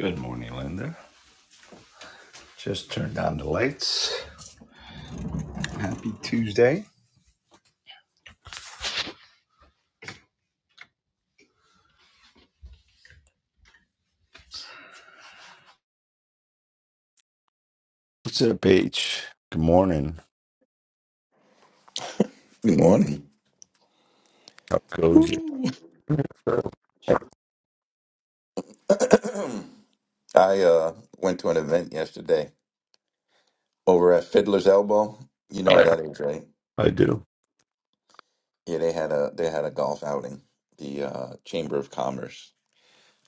Good morning, Linda. Just turned on the lights. Happy Tuesday. What's up, Paige? Good morning. Good morning. How goes it? Woo. I uh, went to an event yesterday over at Fiddler's Elbow. You know where I, that is, right? I do. Yeah, they had a they had a golf outing. The uh, Chamber of Commerce,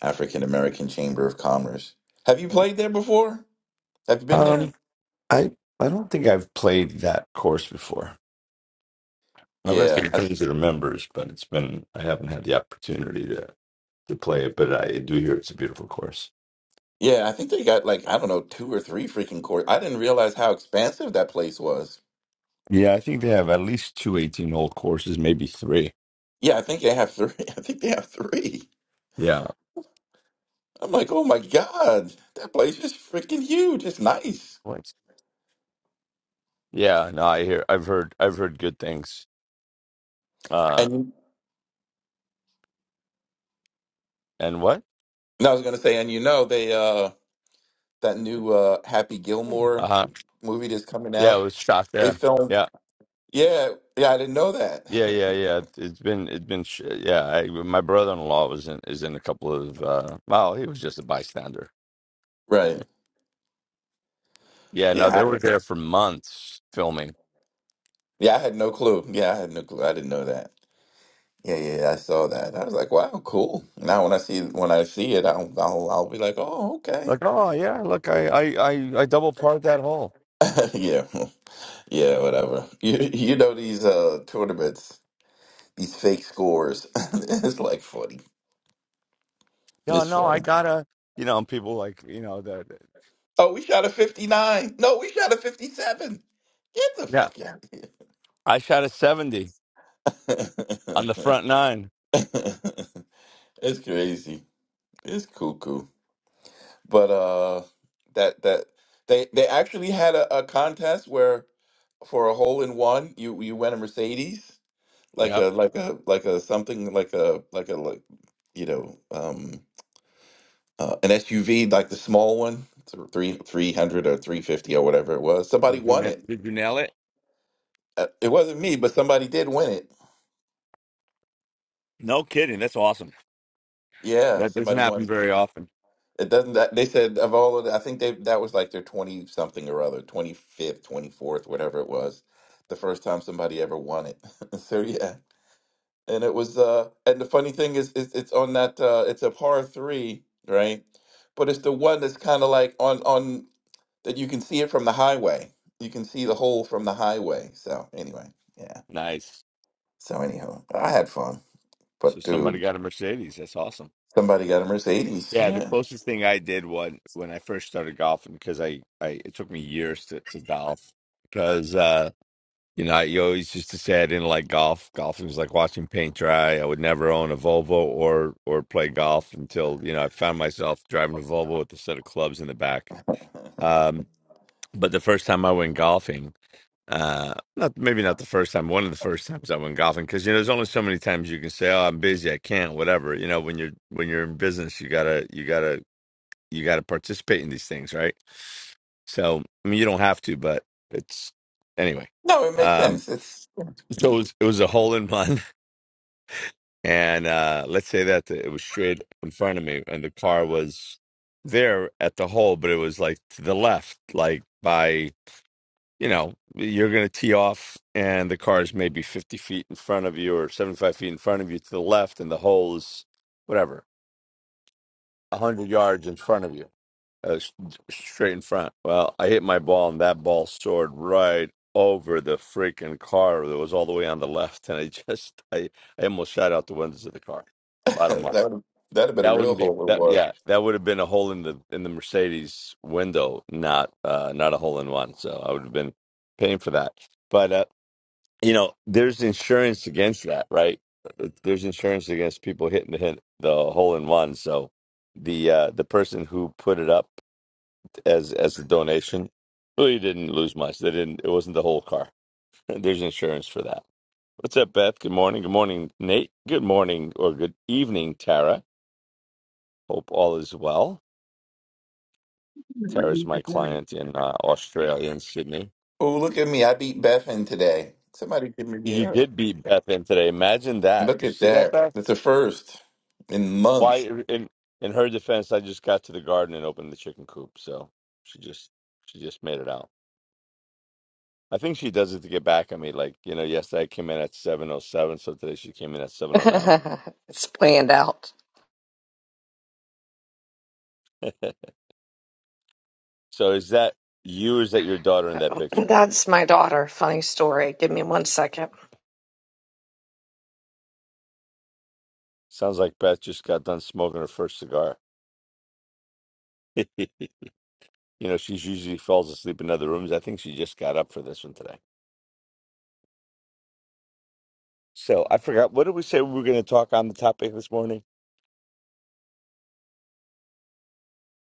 African American Chamber of Commerce. Have you played there before? Have you been there? Um, I I don't think I've played that course before. I've got Yeah, some I, friends that are members, but it's been I haven't had the opportunity to to play it. But I do hear it's a beautiful course. yeah. I think they got like I don't know two or three freaking courts. I didn't realize how expansive that place was. Yeah, I think they have at least two eighteen hole courses, maybe three. Yeah, I think they have three. I think they have three. Yeah. I'm like, oh my god, that place is freaking huge. It's nice. What? Yeah. No, I hear. I've heard. I've heard good things. Uh, And and what? and I was gonna say, and you know, they uh that new uh Happy Gilmore Uh huh. movie that's coming Yeah, it out. was shot They there. filmed Yeah, yeah, yeah, I didn't know that. yeah, yeah, yeah. It's it's been it's been sh- yeah. I, my brother-in-law was in is in a couple of uh, well, he was just a bystander. Right. Yeah, no, they Yeah. were there for months filming. Yeah, I had no clue. Yeah, I had no clue. I didn't know that. Yeah, yeah, yeah, I saw that. I was like, wow, cool. Now when I see when I see it, I'll I'll, I'll be like, oh, okay. Like, oh yeah, look, I I I, I double parred that hole. Yeah. Yeah, whatever. You you know these uh tournaments, these fake scores. It's like funny. No, It's no, funny. I gotta, you know, and people like you know that. Oh, we shot a 59. No, we shot a 57. Get the Yeah, fuck out I shot a seventy on the of front nine. here. it's crazy. It's cuckoo. But uh that that they they actually had a, a contest where for a hole in one you you win a Mercedes like Yep. a like a like a something like a like a like you know um uh, an SUV like the small one th- three 300 or 350 or whatever it was So somebody did you won na- it did you nail it? Uh, it wasn't me but somebody did win it No kidding. That's awesome. Yeah, That doesn't somebody happen won. very often. It doesn't that they said of all of the, I think they that was like their 20 something or other, 25th, 24th, whatever it was, the first time somebody ever won it. So yeah. And it was uh and the funny thing is, is it's on that uh it's a par 3, right? But it's the one that's kind of like on on that you can see it from the highway. You can see the hole from the highway. So anyway, yeah. Nice. So anyhow, I had fun. So But somebody dude, got a Mercedes. That's awesome. somebody got a Mercedes. Yeah, the Yeah. closest thing I did when when I first started golfing because I, I it took me years to, to golf because uh you know I you always used to say I didn't like golf. Golfing was like watching paint dry. I would never own a Volvo or or play golf until you know I found myself driving a Volvo with a set of clubs in the back. Um, but the first time I went golfing, uh, not maybe not the first time, one of the first times I went golfing because you know there's only so many times you can say oh I'm busy I can't whatever you know when you're when you're in business you gotta you gotta you got to participate in these things, right? So, I mean, you don't have to, but it's anyway. No, it makes Um, sense. It's so it was, it was a hole in one, and uh, let's say that it was straight in front of me, and the car was there at the hole, but it was like to the left, like by you know, you're gonna tee off, and the car is maybe 50 feet in front of you or 75 feet in front of you to the left, and the hole is whatever 100 yards in front of you Uh, s- straight in front. Well, I hit my ball, and that ball soared right over the freaking car that was all the way on the left, and I just, I, I almost shot out the windows of the car. Bottom line, That would that'd have been a that real wouldn't be hole in that. one. Yeah, that would have been a hole in the in the Mercedes window, not uh, not a hole in one. So I would have been paying for that. But uh, you know, there's insurance against that, right? Uh, There's insurance against people hitting the hit the hole in one. So the uh, the person who put it up as as a donation. Well, you didn't lose much. They didn't. It wasn't the whole car. There's insurance for that. What's up, Beth? Good morning. Good morning, Nate. Good morning or good evening, Tara. Hope all is well. Tara's my client in uh, Australia in Sydney. Oh, look at me. I beat Bethan today. Somebody give me the You air. did beat Beth in today. Imagine that. Look Did you at see that, that. Beth? That's a first in Why? months. In in her defense, I just got to the garden and opened the chicken coop, so she just she just made it out. I think she does it to get back at me. Like you know, yesterday I came in at seven oh seven, so today she came in at seven oh nine. it's planned out. So is that you or is that your daughter in that picture? That's my daughter. Funny story. Give me one second. Sounds like Beth just got done smoking her first cigar. you know, she's usually falls asleep in other rooms. I think she just got up for this one today. So I forgot what did we say we were going to talk on the topic this morning?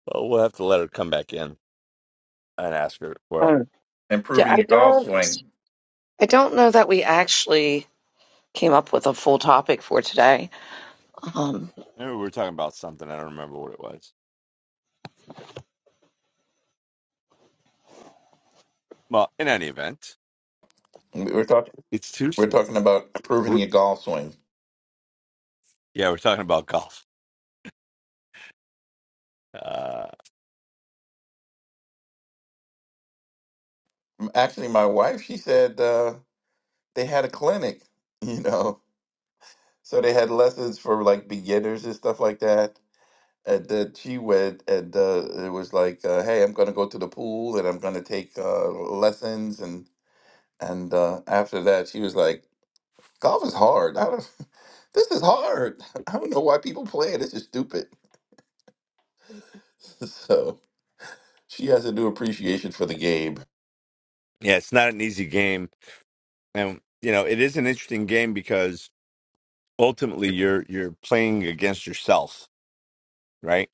Well, we'll have to let her come back in and ask her. Well, Oh, Yeah, Improving I your golf don't. swing. I don't know that we actually came up with a full topic for today. Um, maybe we were talking about something. I don't remember what it was. Well, in any event, We- We're talking it's we're Tuesday. talking about improving We're- your golf swing. Yeah, we're talking about golf. Uh, Actually, my wife, she said uh, they had a clinic, you know. So they had lessons for like beginners and stuff like that. And then she went and uh, it was like, uh, hey, I'm going to go to the pool and I'm going to take uh, lessons. And uh, after that, she was like, "Golf is hard. I don't, this is hard. I don't know why people play it. This is stupid." So she has a new appreciation for the game. yeah, it's not an easy game, and you know it is an interesting game because ultimately you're you're playing against yourself, right?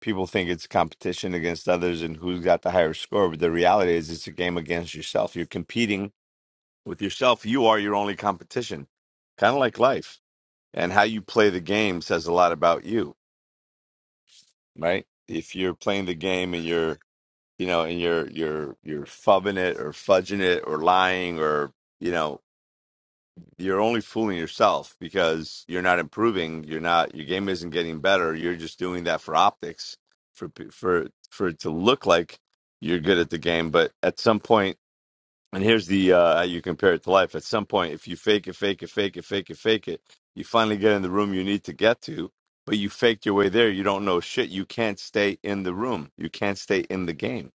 People think it's competition against others and who's got the higher score, but the reality is it's a game against yourself. You're competing with yourself. You are your only competition. Kind of like life. And how you play the game says a lot about you, right? If you're playing the game and you're, you know, and you're you're you're fubbing it or fudging it or lying or you know you're only fooling yourself because you're not improving. You're not your game isn't getting better. You're just doing that for optics, for p- for for it to look like you're good at the game. But at some point, and here's the uh, how you compare it to life. At some point, if you fake it, fake it, fake it, fake it, fake it, you finally get in the room you need to get to. But you faked your way there. You don't know shit. You can't stay in the room. You can't stay in the game,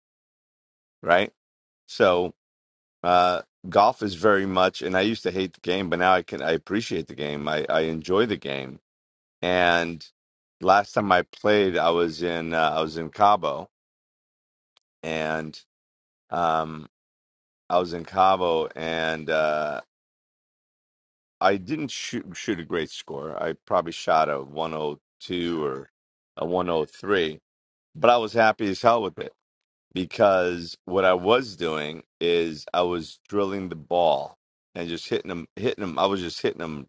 right? So uh, golf is very much, and I used to hate the game, but now I can I appreciate the game. I I enjoy the game. And last time I played, I was in uh, I was in Cabo, and um I was in Cabo, and uh, I didn't shoot shoot a great score. I probably shot a 102 or a 103, but I was happy as hell with it because what I was doing is I was drilling the ball and just hitting them, hitting them. I was just hitting them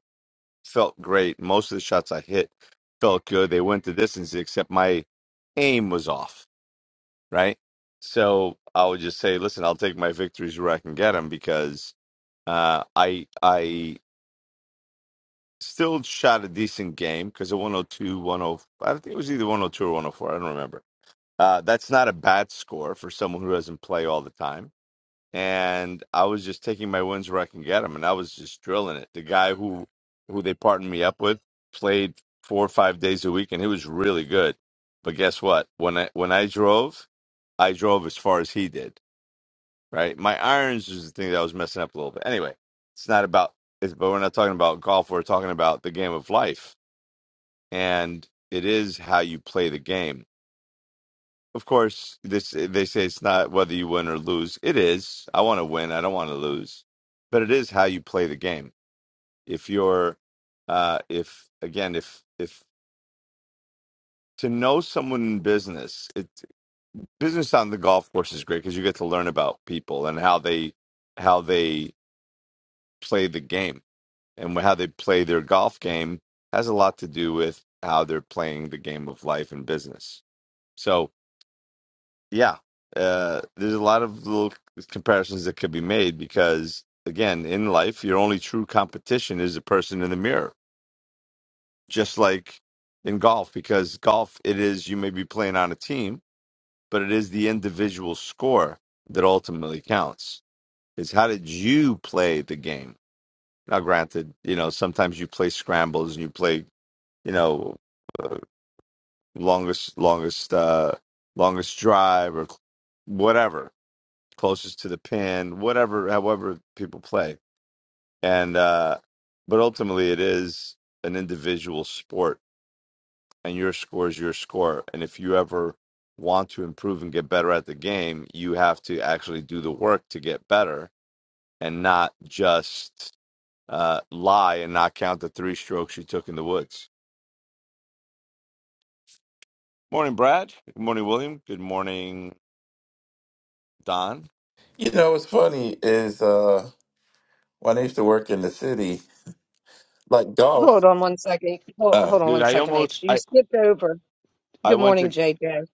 felt great. Most of the shots I hit felt good. They went the distance, except my aim was off, right? So I would just say, listen, I'll take my victories where I can get them because uh, I I still shot a decent game because a 102, 104, I think it was either 102 or 104. I don't remember. Uh, that's not a bad score for someone who doesn't play all the time and I was just taking my wins where I can get them, and I was just drilling it. The guy who who they partnered me up with played four or five days a week, and he was really good. But guess what? When I when I drove, I drove as far as he did. Right, my irons was the thing that I was messing up a little bit. Anyway, it's not about. It's, but we're not talking about golf. We're talking about the game of life, and it is how you play the game of course, this eh, they say it's not whether you win or lose. It is. I want to win. I don't want to lose. But it is how you play the game. If you're, uh, if again, if if to know someone in business, it business on the golf course is great because you get to learn about people and how they how they play the game and how they play their golf game has a lot to do with how they're playing the game of life and business. So. yeah, uh, there's a lot of little comparisons that could be made because, again, in life, your only true competition is the person in the mirror, just like in golf, because golf, it is you may be playing on a team, but it is the individual score that ultimately counts. Is how did you play the game? Now, granted, you know, sometimes you play scrambles and you play, you know, longest, longest, uh, longest drive or whatever closest to the pin, whatever, however people play. And, uh, but ultimately it is an individual sport and your score is your score. And if you ever want to improve and get better at the game, you have to actually do the work to get better and not just, uh, lie and not count the three strokes you took in the woods. Morning, Brad. Good morning, William. Good morning, Don. You know, what's funny is uh, when I used to work in the city, like golf. hold on one second. Hold, Uh, hold on Dude, one I second, almost, H. You I, skipped over. I Good went morning, to JJ. am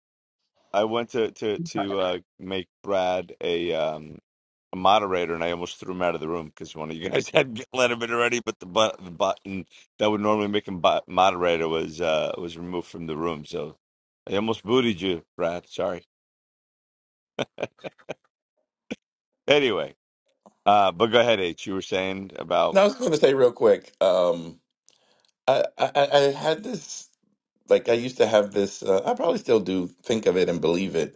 I went to to sorry. to uh, make Brad a um, a moderator, and I almost threw him out of the room because one of you guys had let him in already. But the, bu- the button that would normally make him bu- moderator was uh, was removed from the room, so I almost booted you, Brad. Sorry. Anyway, uh, but go ahead, H. You were saying about now I was going to say real quick. Um, I, I I I had this like I used to have this. Uh, I probably still do think of it and believe it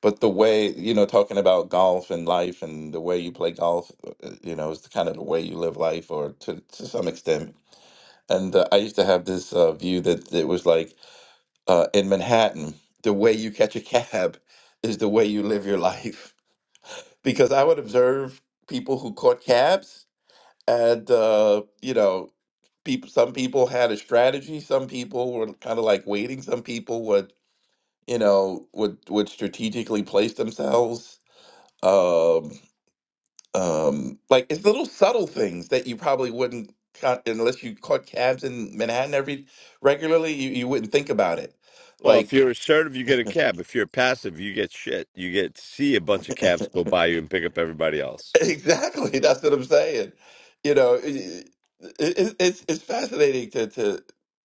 But the way, you know, talking about golf and life and the way you play golf, uh, you know, is kind of the way you live life or to, to some extent. And uh, I used to have this uh, view that it was like uh, in Manhattan, the way you catch a cab is the way you live your life. Because I would observe people who caught cabs and, uh, you know, people, some people had a strategy. Some people were kind of like waiting. Some people would, you know, would, would strategically place themselves um um like it's little subtle things that you probably wouldn't ca- unless you caught cabs in manhattan every regularly you, you wouldn't think about it Well, like if you're assertive, you get a cab. If you're passive, you get shit. You get to see a bunch of cabs go by you and pick up everybody else. exactly that's what i'm saying you know it, it, it's it's fascinating to to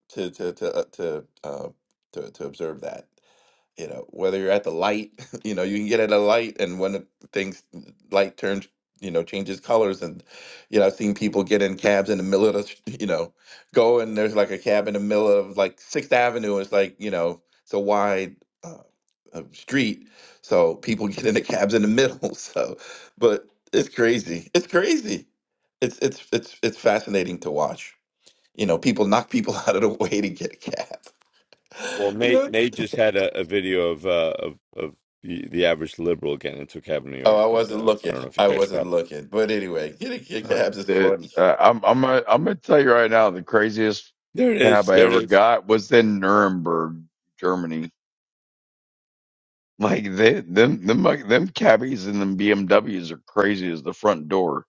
to to to uh, to, uh, to to observe that you know whether you're at the light you know you can get at a light and when the things light turns you know changes colors and you know i've seen people get in cabs in the middle of the sh- you know go and there's like a cab in the middle of like sixth avenue it's like you know it's a wide uh, uh, street so people get into cabs in the middle so but it's crazy it's crazy it's it's it's it's fascinating to watch you know people knock people out of the way to get a cab Well, you Nate know Nate just had a, a video of uh, of of the, the average liberal getting into a cab in New Oh, York, I but wasn't uh, I looking. don't know if you I guys wasn't got it. looking. But anyway, getting kick Uh, abs is the funny. uh, I'm I'm gonna, I'm gonna tell you right now the craziest There it cab is. I There it ever is. got was in Nuremberg, Germany. Like they them them like, them cabbies and them BMWs are crazy as the front door.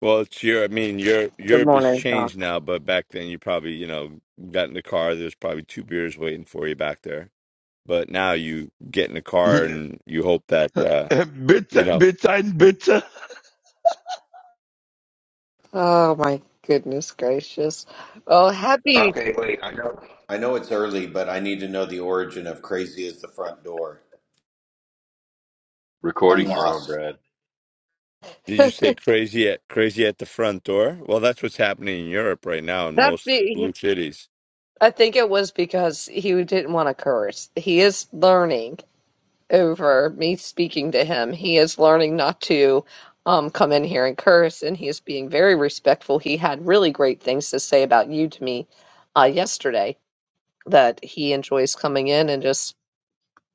Well, it's your, I mean, Europe, Good Europe has morning, Doc. changed now, but back then you probably, you know, got in the car. There's probably two beers waiting for you back there. But now you get in the car bitte, and you hope that, uh, you know, bitte, ein bitte. Oh my goodness gracious. Well, happy. Okay, wait. I know. I know it's version of crazy front door. Um, Recordings are on, Brad. did you That's say crazy at crazy at the front door? Well, that's what's happening in Europe right now in most the. blue cities. I think it was because he didn't want to curse. He is learning. over me speaking to him. He is learning not to um, come in here and curse, and he is being very respectful. He had really great things to say about you to me uh, yesterday that he enjoys coming in and just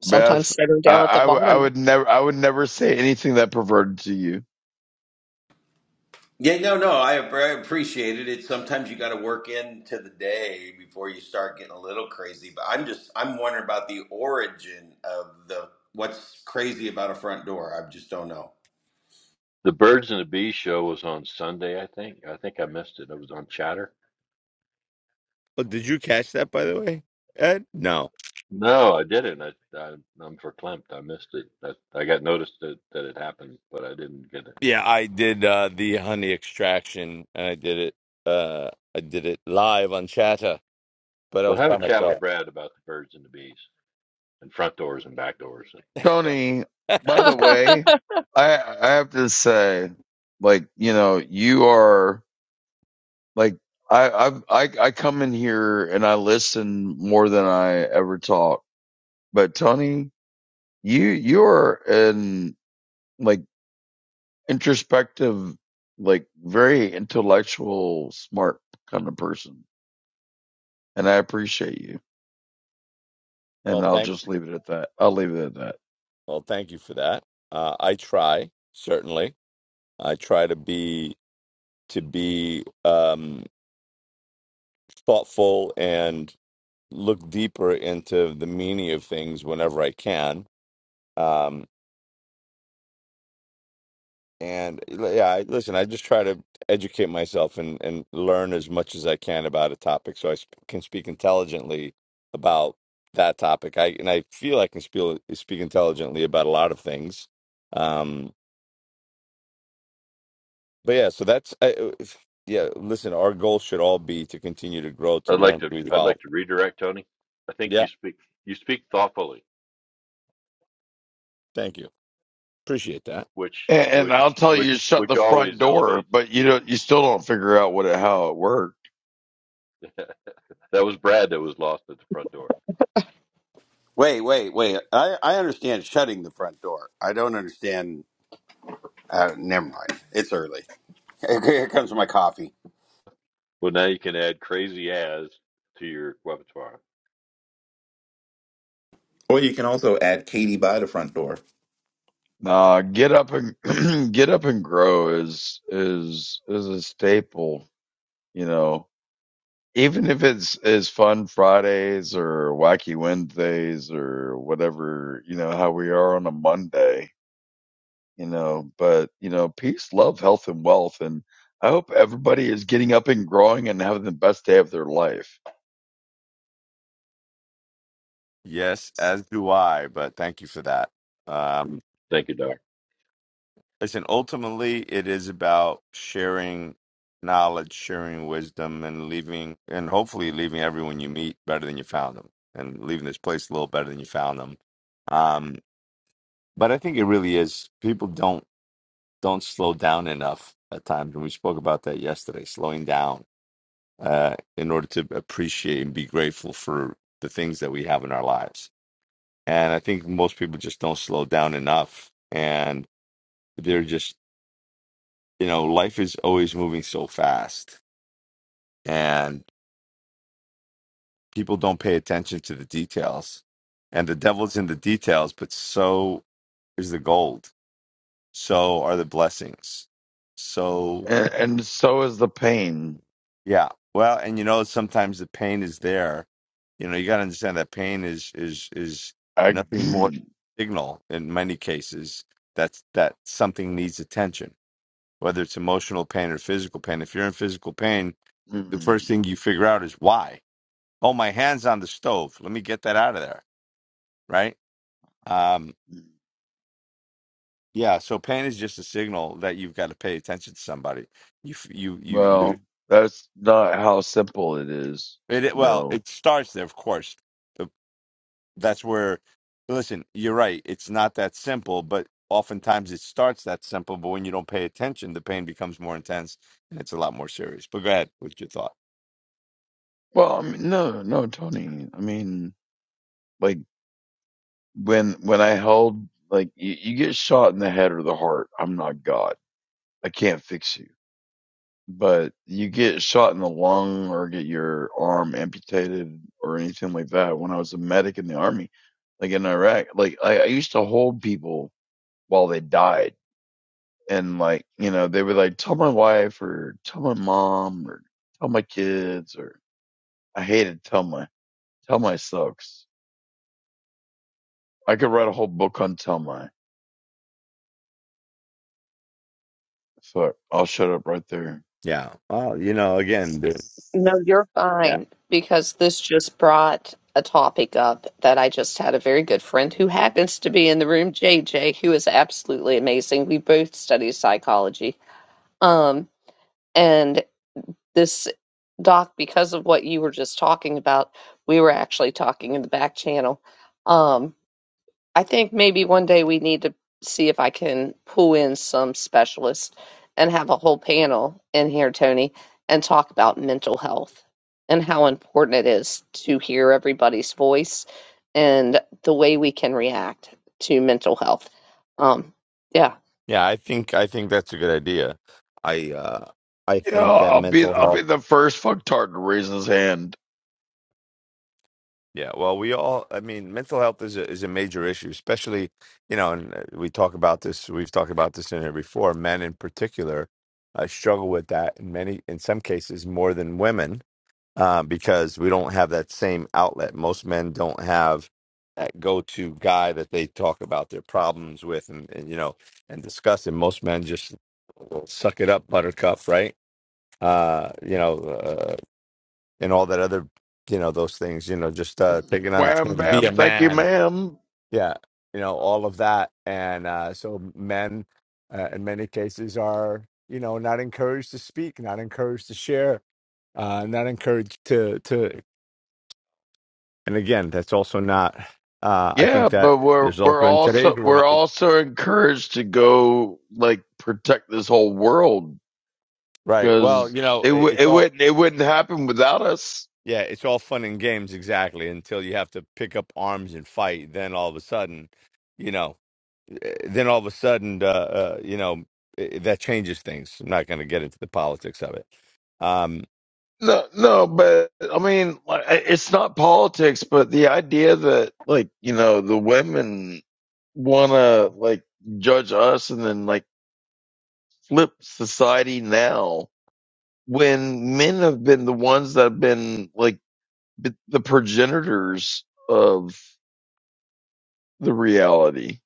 sometimes Beth, sitting down at the I, I w- I bottom. would never I would never say anything that perverted to you. yeah, no, no, I, I appreciate it. It's sometimes you got to work into the day before you start getting a little crazy. But I'm just I'm wondering about the origin of the what's crazy about a front door. I just don't know. The Birds and the Bees show was on Sunday, I think. I think I missed it. It was on Chatter. But did you catch that, by the way, Ed? No. No, I didn't. I, I I'm verklempt. I missed it. I, I got noticed that that it happened, but I didn't get it. Yeah, I did uh, the honey extraction, and I did it. Uh, I did it live on Chatter, but I Well, was have a by chat myself. with Brad about the Birds and the Bees and front doors and back doors and stuff. Tony, by the way, I I have to say, like you know, you are. Like I I've, I I come in here and I listen more than I ever talk. But Tony, you you're an like introspective, like very intellectual, smart kind of person, and I appreciate you. And Well, I'll thank just leave it at that. I'll leave it at that. Well, thank you for that. Uh, I try certainly. I try to be to be um, thoughtful and look deeper into the meaning of things whenever I can. Um, and yeah, I, listen, I just try to educate myself and, and learn as much as I can about a topic, so I sp- can speak intelligently about that topic. I and I feel I can speak speak intelligently about a lot of things. Um, But yeah, so that's I, uh, if- yeah. Listen, our goal should all be to continue to grow, to I'd like learn, to to I'd evolve. like to redirect Tony. I think you Yeah, speak you speak thoughtfully, thank you, appreciate that. which And, and which I'll tell you which to shut which the front always door, elevates. but you don't. You still don't figure out what it, how it worked. That was Brad that was lost at the front door. Wait, wait, wait. I, I understand shutting the front door. I don't understand. Uh, never mind. It's early. Here comes my coffee. Well, now you can add crazy as to your repertoire. Or you can also add Katie by the front door. Nah, get up and get up and grow is is is a staple you know even if it's is fun Fridays or wacky Wednesdays or whatever, you know, how we are on a Monday, you know, but you know, peace, love, health and wealth and I hope everybody is getting up and growing and having the best day of their life. Yes, as do I. But thank you for that. Um, Thank you, Doc. listen, ultimately, it is about sharing knowledge, sharing wisdom, and leaving, and hopefully leaving everyone you meet better than you found them, and leaving this place a little better than you found them. Um, but I think it really is. People don't don't slow down enough at times, and we spoke about that yesterday. Slowing down uh, in order to appreciate and be grateful for the things that we have in our lives. And I think most people just don't slow down enough. And they're just, you know, life is always moving so fast, and people don't pay attention to the details. And the devil's in the details, but so is the gold. So are the blessings. So And, and so is the pain. Yeah. Well, and you know, sometimes the pain is there. You know, you got to understand that pain is is is I nothing more than a signal in many cases that's that something needs attention, whether it's emotional pain or physical pain. If you're in physical pain, the first thing you figure out is why. Oh, my hand's on the stove. Let me get that out of there, right? Um, yeah, so pain is just a signal that you've got to pay attention to somebody. You f- you you you well, that's not how simple it is, it, it you well, know. it starts there, of course that's where listen you're right it's not that simple but oftentimes it starts that simple but when you don't pay attention the pain becomes more intense and it's a lot more serious but go ahead with your thought Well, I mean, no, no, Tony. I mean, like. when when I held like you, you get shot in the head or the heart. I'm not God. I can't fix you. But you get shot in the lung or get your arm amputated or anything like that. When I was a medic in the army, like in Iraq, like I, I used to hold people while they died, and like you know they would like tell my wife or tell my mom or tell my kids or I hated Telma. Telma sucks. I could write a whole book on Telma. Fuck, I'll shut up right there. yeah well you know again the, No, you're yeah fine because this just brought a topic up that I just had a very good friend who happens to be in the room, JJ, who is absolutely amazing. We both study psychology. Um, and. this doc because of what you were just talking about we were actually talking in the back channel um i think maybe one day we need to see if i can pull in some specialists and have a whole panel in here tony and talk about mental health and how important it is to hear everybody's voice and the way we can react to mental health um yeah yeah i think i think that's a good idea i uh i Yeah, think that I'll be mental I'll health be the first fucktard to raise his hand. yeah well we all i mean mental health is a is a major issue especially you know and uh, we talk about this we've talked about this in here before men in particular uh, struggle with that in many in some cases more than women uh, because we don't have that same outlet. Most men don't have that go-to guy that they talk about their problems with and, and you know and discuss. And most men just suck it up, Buttercup, right? Uh, you know, uh, and all that other, you know, those things. You know, just uh, taking on the Wham chin, be a bam, thank you, man. ma'am. Yeah, you know, all of that. And uh, so men, uh, in many cases, are you know not encouraged to speak, not encouraged to share uh, not encouraged to to And again, that's also not. Uh, I think Yeah, that but we're there's we're also in today's also we're world, also encouraged to go like protect this whole world right? Well, because you know, it i- w- it's it all wouldn't it wouldn't happen without us. yeah, it's all fun and games exactly until you have to pick up arms and fight. Then all of a sudden, you know, eh, then all of a sudden, uh, uh, you know, eh, eh, that changes things. I'm not going to get into the politics of it. Um, No, no, but I mean, like, I- it's not politics, but the idea that like you know the women want to like judge us and then like flip society now when men have been the ones that have been like the, the progenitors of the reality.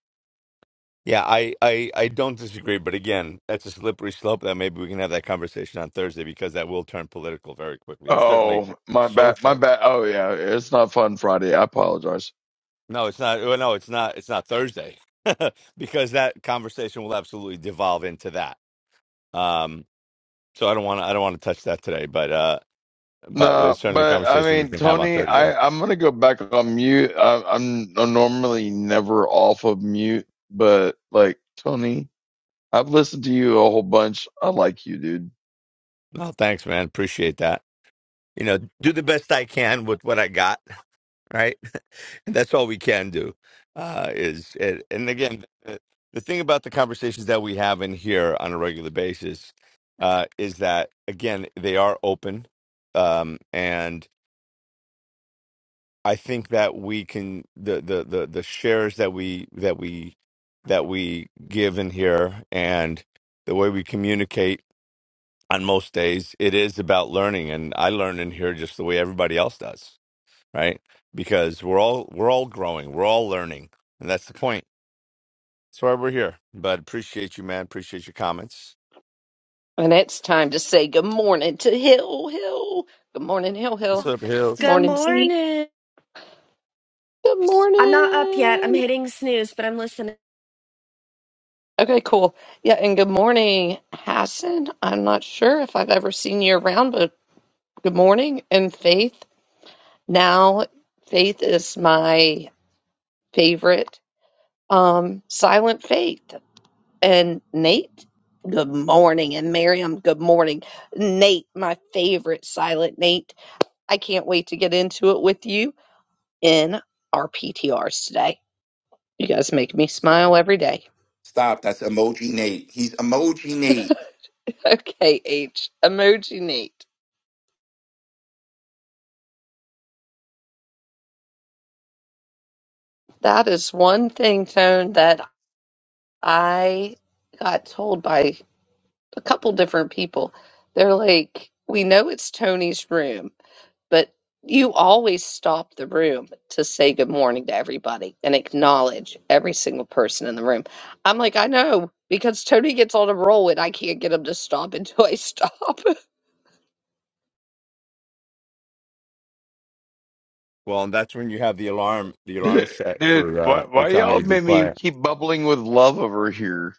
Yeah, I, I, I don't disagree, but again, that's a slippery slope that maybe we can have that conversation on Thursday because that will turn political very quickly, or certainly Oh, my bad, my social. bad. Oh yeah, it's not fun Friday. I apologize. No, it's not. well, No, it's not. It's not Thursday because that conversation will absolutely devolve into that. Um, so I don't want to. I don't want to touch that today, but uh, but it's No, certainly a but I conversation we mean, can have on Tony, Thursday. I I'm gonna go back on mute. I, I'm I'm normally never off of mute, but like Tony, I've listened to you a whole bunch. I like you, dude. No, thanks, man. Appreciate that. You know, do the best I can with what I got right? And that's all we can do uh, is, and, and again, the, the thing about the conversations that we have in here on a regular basis uh, is that, again, they are open. Um, and I think that we can, the, the, the, the shares that we, that we, that we give in here and the way we communicate on most days, it is about learning. And I learn in here just the way everybody else does right? Because we're all we're all growing, we're all learning, and that's the point. That's why we're here. But appreciate you, man. Appreciate your comments. And it's time to say good morning to Hill Hill. Good morning, Hill What's Hill. up, Hill? Good Good morning, Z. morning. Good I'm not up yet. I'm morning. hitting snooze, but I'm listening. Okay, cool. Yeah, and good morning, Hassan. I'm not sure if I've ever seen you around, but good morning. And Faith. Now, Faith is my favorite um, silent Faith. And Nate, good morning. And Miriam, good morning. Nate, my favorite silent Nate. I can't wait to get into it with you in our PTRs today. You guys make me smile every day. Stop. That's emoji Nate. He's emoji Nate Okay, H, emoji neat. That is one thing, Tone, that I got told by a couple different people. They're like, we know it's Tony's room, but you always stop the room to say good morning to everybody and acknowledge every single person in the room. I'm like, I know, because Tony gets on a roll and I can't get him to stop until I stop. Well, and that's when you have the alarm, the alarm Dude, set dude, for uh why, for why y'all Tommy to be made me quiet. keep bubbling with love over here?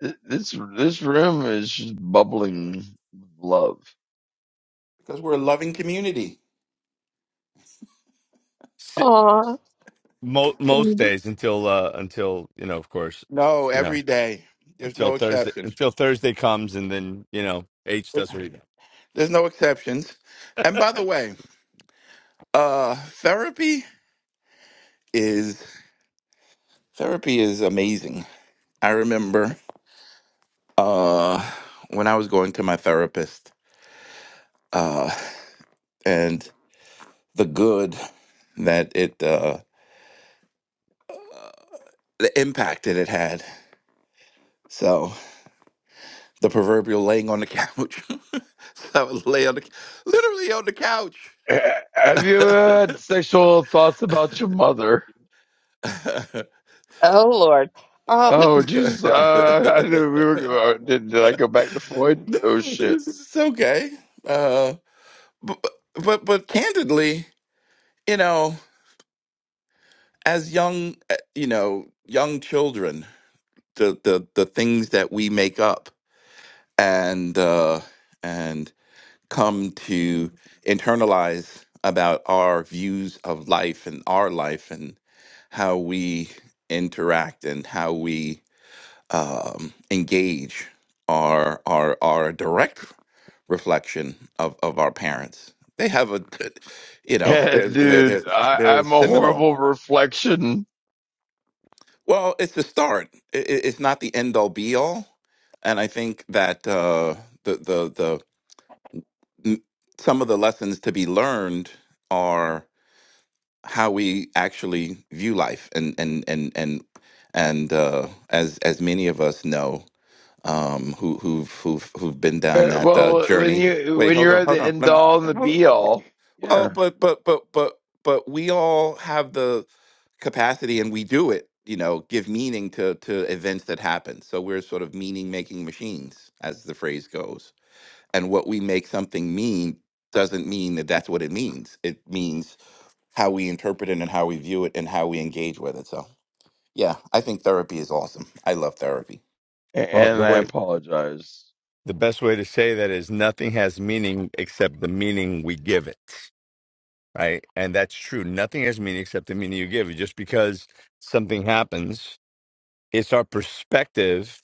Th- This this room is just bubbling with love. because we're a loving community. Si- Mo- most Aw. days until uh until you know, of course, No, you know, every day. There's until no Thursday exceptions. until Thursday comes, and then you know, H There's does what he does. there's no exceptions. And by the way, uh, therapy is therapy is amazing. I remember uh, when I was going to my therapist, uh, and the good that it. Uh, the impact that it had. So the proverbial laying on the couch. so I would lay on the literally on the couch. Eh, Have you ever had sexual thoughts about your mother? Oh Lord. Um. Oh Jesus! Uh, I knew we were. go- Did, did I go back to Freud? Oh no, shit! this is okay. Uh, but, but but candidly, you know, as young, uh, you know, young children, the the the things that we make up and uh, and come to internalize about our views of life and our life and how we interact and how we um, engage our our our direct reflection of, of our parents. They have a good, you know, Yeah, they're, they're, dude, they're, I, they're I'm a seminal. horrible reflection. Well, it's the start. I- i- it's not the end all be all. And I think that uh, the, the, the, m- some of the lessons to be learned how we actually view life and and and and and uh, as as many of us know um, who who've who've who've been down Uh, that uh, well, when journey. you Wait, when hold you're on, at hold the on. end Let me, all and the hold on, be hold on. all, Well, yeah. but but but but but we all have the capacity, and we do it. You know, give meaning to to events that happen. So we're sort of meaning making machines, as the phrase goes. And what we make something mean doesn't mean that that's what it means. It means how we interpret it and how we view it and how we engage with it. So, yeah, I think therapy is awesome. I love therapy. A- Well, And the I way apologize. the best way to say that is nothing has meaning except the meaning we give it. right? And that's true. Nothing has meaning except the meaning you give. Just because something happens, it's our perspective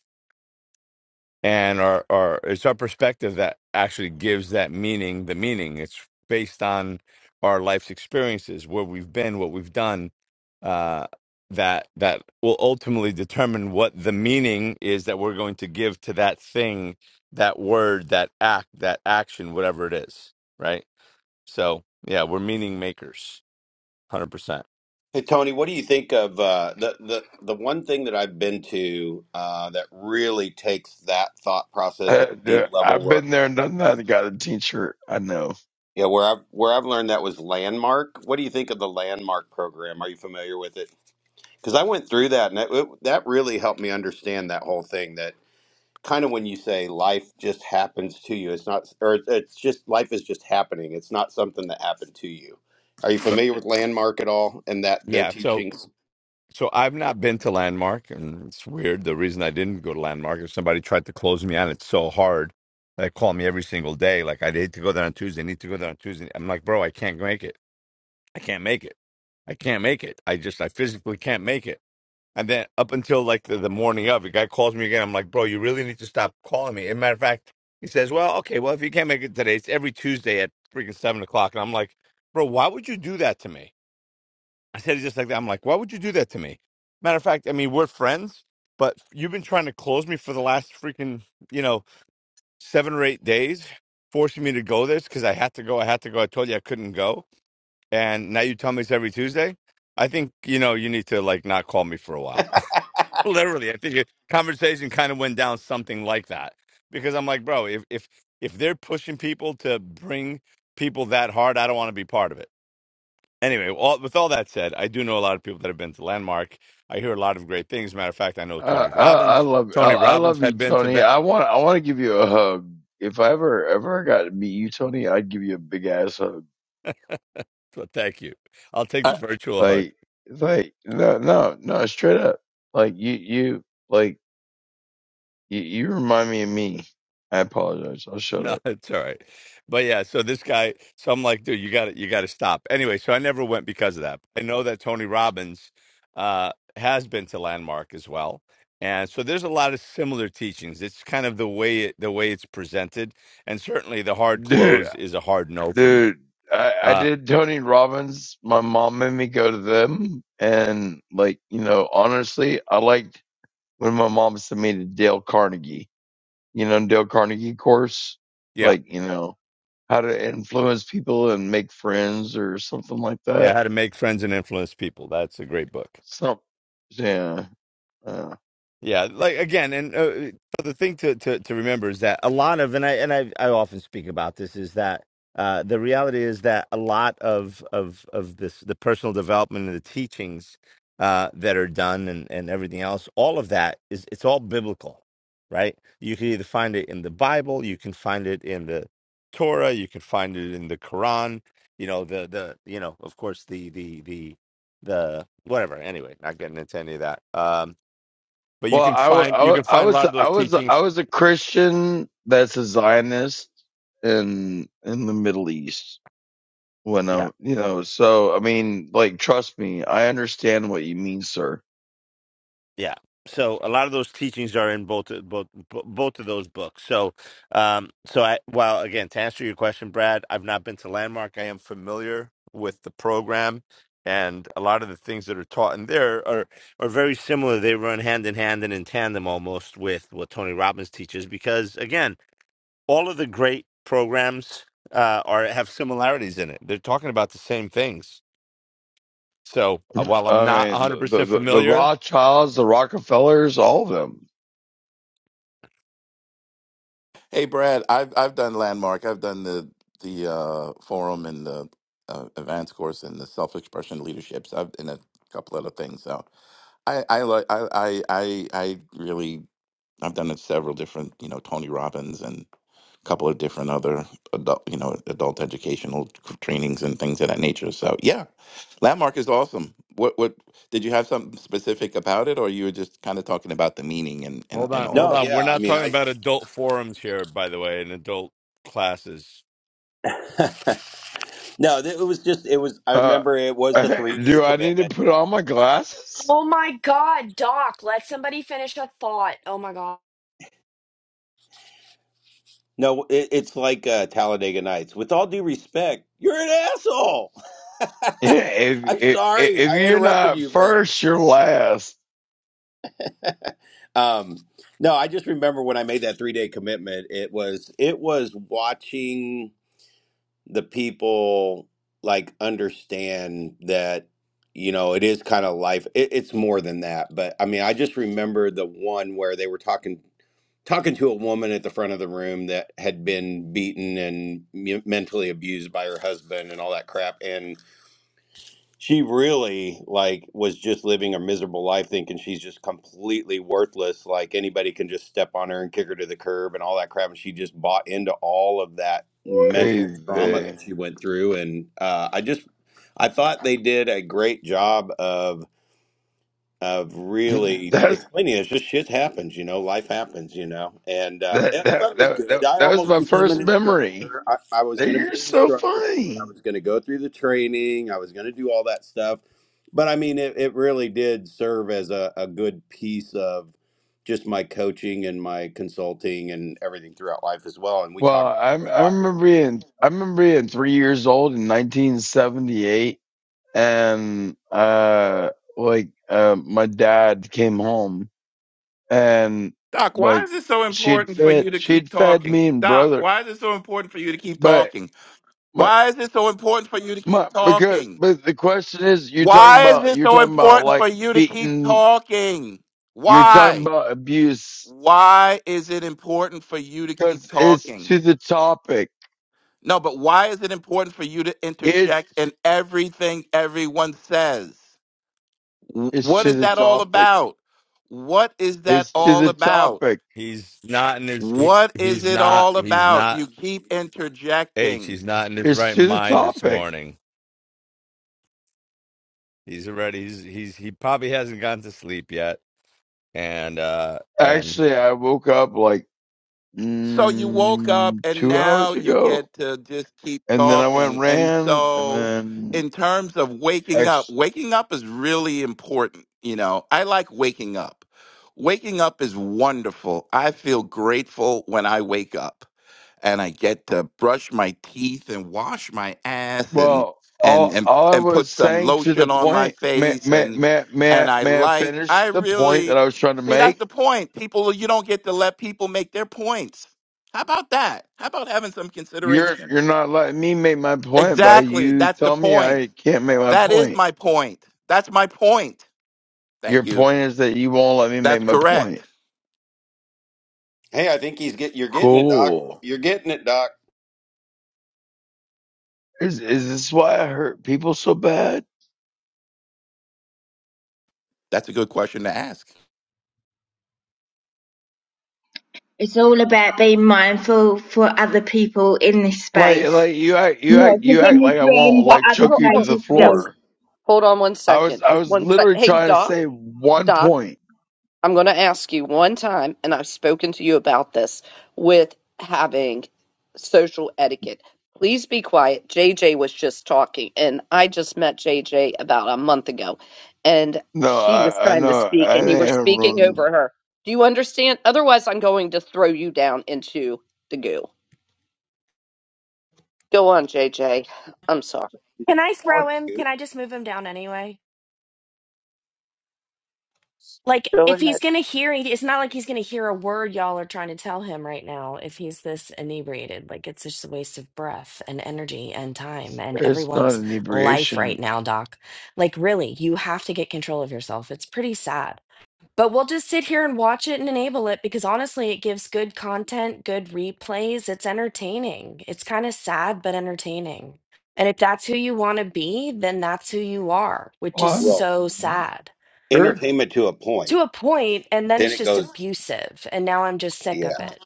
and our, our it's our perspective that actually gives that meaning the meaning. It's based on our life's experiences, where we've been, what we've done, uh, that that will ultimately determine what the meaning is that we're going to give to that thing, that word, that act, that action, whatever it is, right? So yeah, we're meaning makers, 100%. Hey Tony, what do you think of uh, the the the one thing that I've been to uh, that really takes that thought process Uh, at a deep dude, level? I've Where been there and done that. I got a t-shirt. I know. yeah, where I've where I've learned that was Landmark. What do you think of the Landmark program? Are you familiar with it? Because I went through that, and that it, that really helped me understand that whole thing. That kind of when you say life just happens to you, it's not, or it's it's just life is just happening. It's not something that happened to you. Are you But familiar with Landmark at all? And that their yeah, so teachings? so I've not been to Landmark, and it's weird. The reason I didn't go to Landmark is somebody tried to close me on it so hard. They call me every single day, like I need to go there on Tuesday. need to go there on Tuesday. I'm like, bro, I can't make it. I can't make it. I can't make it. I just I physically can't make it. And then up until like the, the morning of, the guy calls me again. I'm like, bro, you really need to stop calling me. As a matter of fact, he says, well, okay, well, if you can't make it today, it's every Tuesday at freaking seven o'clock. And I'm like, bro, why would you do that to me? I said it just like that. I'm like, why would you do that to me? Matter of fact, I mean, we're friends, but you've been trying to close me for the last freaking, you know, seven or eight days, forcing me to go this because I had to go. I had to go. I told you I couldn't go. And now you tell me it's every Tuesday. I think, you know, you need to like not call me for a while literally i think a conversation kind of went down something like that because i'm like bro if if if they're pushing people to bring people that hard i don't want to be part of it anyway all, with all that said i do know a lot of people that have been to landmark i hear a lot of great things matter of fact i know I, tony I, I robbins love I, tony I robbins love you, had been to Tony. ben- I want I want to give you a hug. If I ever ever got to meet you, Tony, I'd give you a big ass hug. so thank you i'll take the I, virtual hug Like like no no no straight up. Like you you like you, you remind me of me. I apologize. I'll shut No, up, it's all right. But yeah, so this guy, so I'm like, dude, you got to you got to stop. Anyway, so I never went because of that. I know that Tony Robbins uh has been to Landmark as well. And so there's a lot of similar teachings. It's kind of the way it, the way it's presented, and certainly the hard dude. close is a hard no for me. Dude, I, I Uh did Tony Robbins. My mom made me go to them, and like you know, honestly, I liked when my mom sent me to Dale Carnegie you know, Dale Carnegie course, yeah. like, you know, how to influence people and make friends or something like Yeah, that. how to make friends and influence people. That's a great book. Some, yeah. Uh, Yeah, like again, and uh, but the thing to, to to remember is that a lot of, and I and I I often speak about this is that uh, the reality is that a lot of of of this the personal development and the teachings uh, that are done and and everything else, all of that is it's all biblical, right? You can either find it in the Bible, you can find it in the Torah, you can find it in the Quran. You know the the you know of course the the the the whatever. Anyway, not getting into any of that. Um, but you well, can I, wa- find I, you wa- can I find a was, lot of I those was, I teachings. was a Christian that's a Zionist in, in the Middle East when Yeah, I, you know, so, I mean, like, trust me, I understand what you mean, sir. yeah. So a lot of those teachings are in both both bo- both of those books. So, um, so I well again to answer your question, Brad, I've not been to Landmark. I am familiar with the program, and a lot of the things that are taught in there are are very similar. They run hand in hand and in tandem almost with what Tony Robbins teaches, because again, all of the great programs uh, are have similarities in it. They're talking about the same things So uh, while I'm I not mean, the, 100% the, the familiar, Rothschilds, the Rockefellers, all of them. hey, Brad, I've I've done landmark. I've done the the uh, forum and the uh, advanced course and the self expression leaderships. I've and a couple other things. So I I like I I I I really I've done it several different you know Tony Robbins and couple of different other adult, you know, adult educational tr- trainings and things of that nature. So yeah, landmark is awesome. What what did you have something specific about it, or you were just kind of talking about the meaning and and, hold and on, all of hold No, on. that? We're yeah. I not mean, talking I about adult forums here, by the way, and adult classes. No, th- it was just it was. I Uh, remember it was the three day do I need to commitment. put on my glasses? Oh my God, Doc, let somebody finish a thought. Oh my God. No, it, it's like uh, Talladega Nights. With all due respect, you're an asshole. Yeah, If, I'm if sorry if I you're interrupted not you, but first, you're last. um, no, I just remember when I made that three day commitment. It was it was watching. the people like understand that you know it is kind of life it, it's more than that but i mean i just remember the one where they were talking talking to a woman at the front of the room that had been beaten and me- mentally abused by her husband and all that crap and she really like was just living a miserable life thinking she's just completely worthless like anybody can just step on her and kick her to the curb and all that crap and she just bought into all of that mental trauma that Crazy. she went through and uh, i just i thought they did a great job of of really That's explaining it. It's just shit happens, you know, life happens, you know. And, uh, and that I thought that it was that that, good. I that was almost my became an first memory. instructor. I, I was That going to You're be an so instructor for it. I funny. was going to go through the training. I was going to do all that stuff. But I mean, it, it really did serve as a, a good piece of just my coaching and my consulting and everything throughout life as well. And we Well, talk I about it a I lot remember here. being I remember being three years old in 1978, and uh, like uh, my dad came home, and Doc, why like is it so she'd important for fed you to keep she'd fed talking? me and Doc, brother, why is it so important for you to keep but. talking? my. Why is it so important for you to keep My, because talking? but the question is, you're talking Why is about it you're so talking about important for like you to keep beating. talking? You're talking Why? about abuse Why is it important for you to keep because it's talking? to the topic. No, but why is it important for you to It's interject in t- everything everyone says? W- it's What to is the that all topic. about? What is that It's to all the about? topic. He's not in his. He, What is he's it not. all He's about? not. You keep H. interjecting. He's not in his It's right to the mind this topic. morning. He's already. He's. He's. He probably hasn't gotten to sleep yet. And uh. And Actually, I woke up like So you woke up mm, and two now hours you ago, get to just keep and then I went and talking. And ran, and so, then in terms of waking up, actually. waking up is really important. You know, I like waking up. Waking up is wonderful. I feel grateful when I wake up. and I get to brush my teeth and wash my ass and Well, and all and all I and was put some saying to the lotion on my point, may face may and may may I, and I may I like finish I the point that really I was trying to see that's make? the point. People you don't get to let people make their points. How about that? How about having some You're consideration? you're not letting me make my point by Exactly. you That's the telling me point. I can't make my That is point. my point. That's my point. Your Thank you. point is that you won't let me make That's my correct. point. Hey, I think he's get you're getting it, Doc. Cool. You're getting it, Doc. Is is this why I hurt people so bad? That's a good question to ask. It's all about being mindful for other people in this Like space. like you act you Not act just you in act this like I room, won't Oh, like but other choke oh, you to oh, the places too. yes. floor. Hold on one I second. was I Just was one sec. literally Hey, trying to Doc. say one Doc, point. I'm going to ask you one time, and I've spoken to you about this with having social etiquette. Please be quiet. JJ was just talking, and I just met JJ about a month ago, and No, she was I I trying to know speak, I and you were didn't speaking ruin. over her. Do you understand? Otherwise, I'm going to throw you down into the goo. Go on, JJ. I'm sorry. Can I Call throw it the him? Can goop. I just move him down anyway? Like, Go if he's ahead. going to hear, he- it's not like he's going to hear a word y'all are trying to tell him right now if he's this inebriated. Like, it's just a waste of breath and energy and time and It's not everyone's life right inebriation. now, Doc. Like, really, you have to get control of yourself. It's pretty sad. But we'll just sit here and watch it and enable it because honestly, it gives good content, good replays. It's entertaining. It's kind of sad, but entertaining. And if that's who you want to be, then that's who you are, which Well, is I'm Well, so I'm sad sure. entertainment to a to point. a point, point. And then Then it's it just goes abusive. And now I'm just sick Yeah. of it.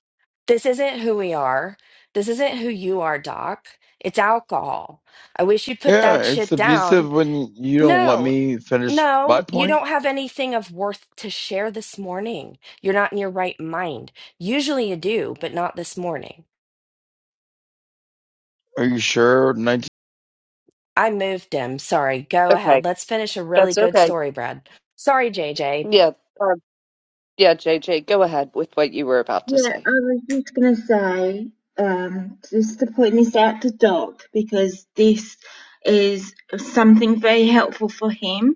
This isn't who we are. This isn't who you are, Doc. It's alcohol. I wish you'd put Yeah, that it's shit down. abusive when you don't let No, me finish my no, you point. don't have anything of worth to share this morning. You're not in your right mind. Usually you do, but not this morning. Are you sure? I moved him. Sorry. Go Okay. ahead. Let's finish a really That's good okay. story, Brad. Sorry, JJ. Yeah. Um, yeah, JJ, go ahead with what you were about to Yeah, say. I was just going to say, um, just to point this out to Doc, because this is something very helpful for him.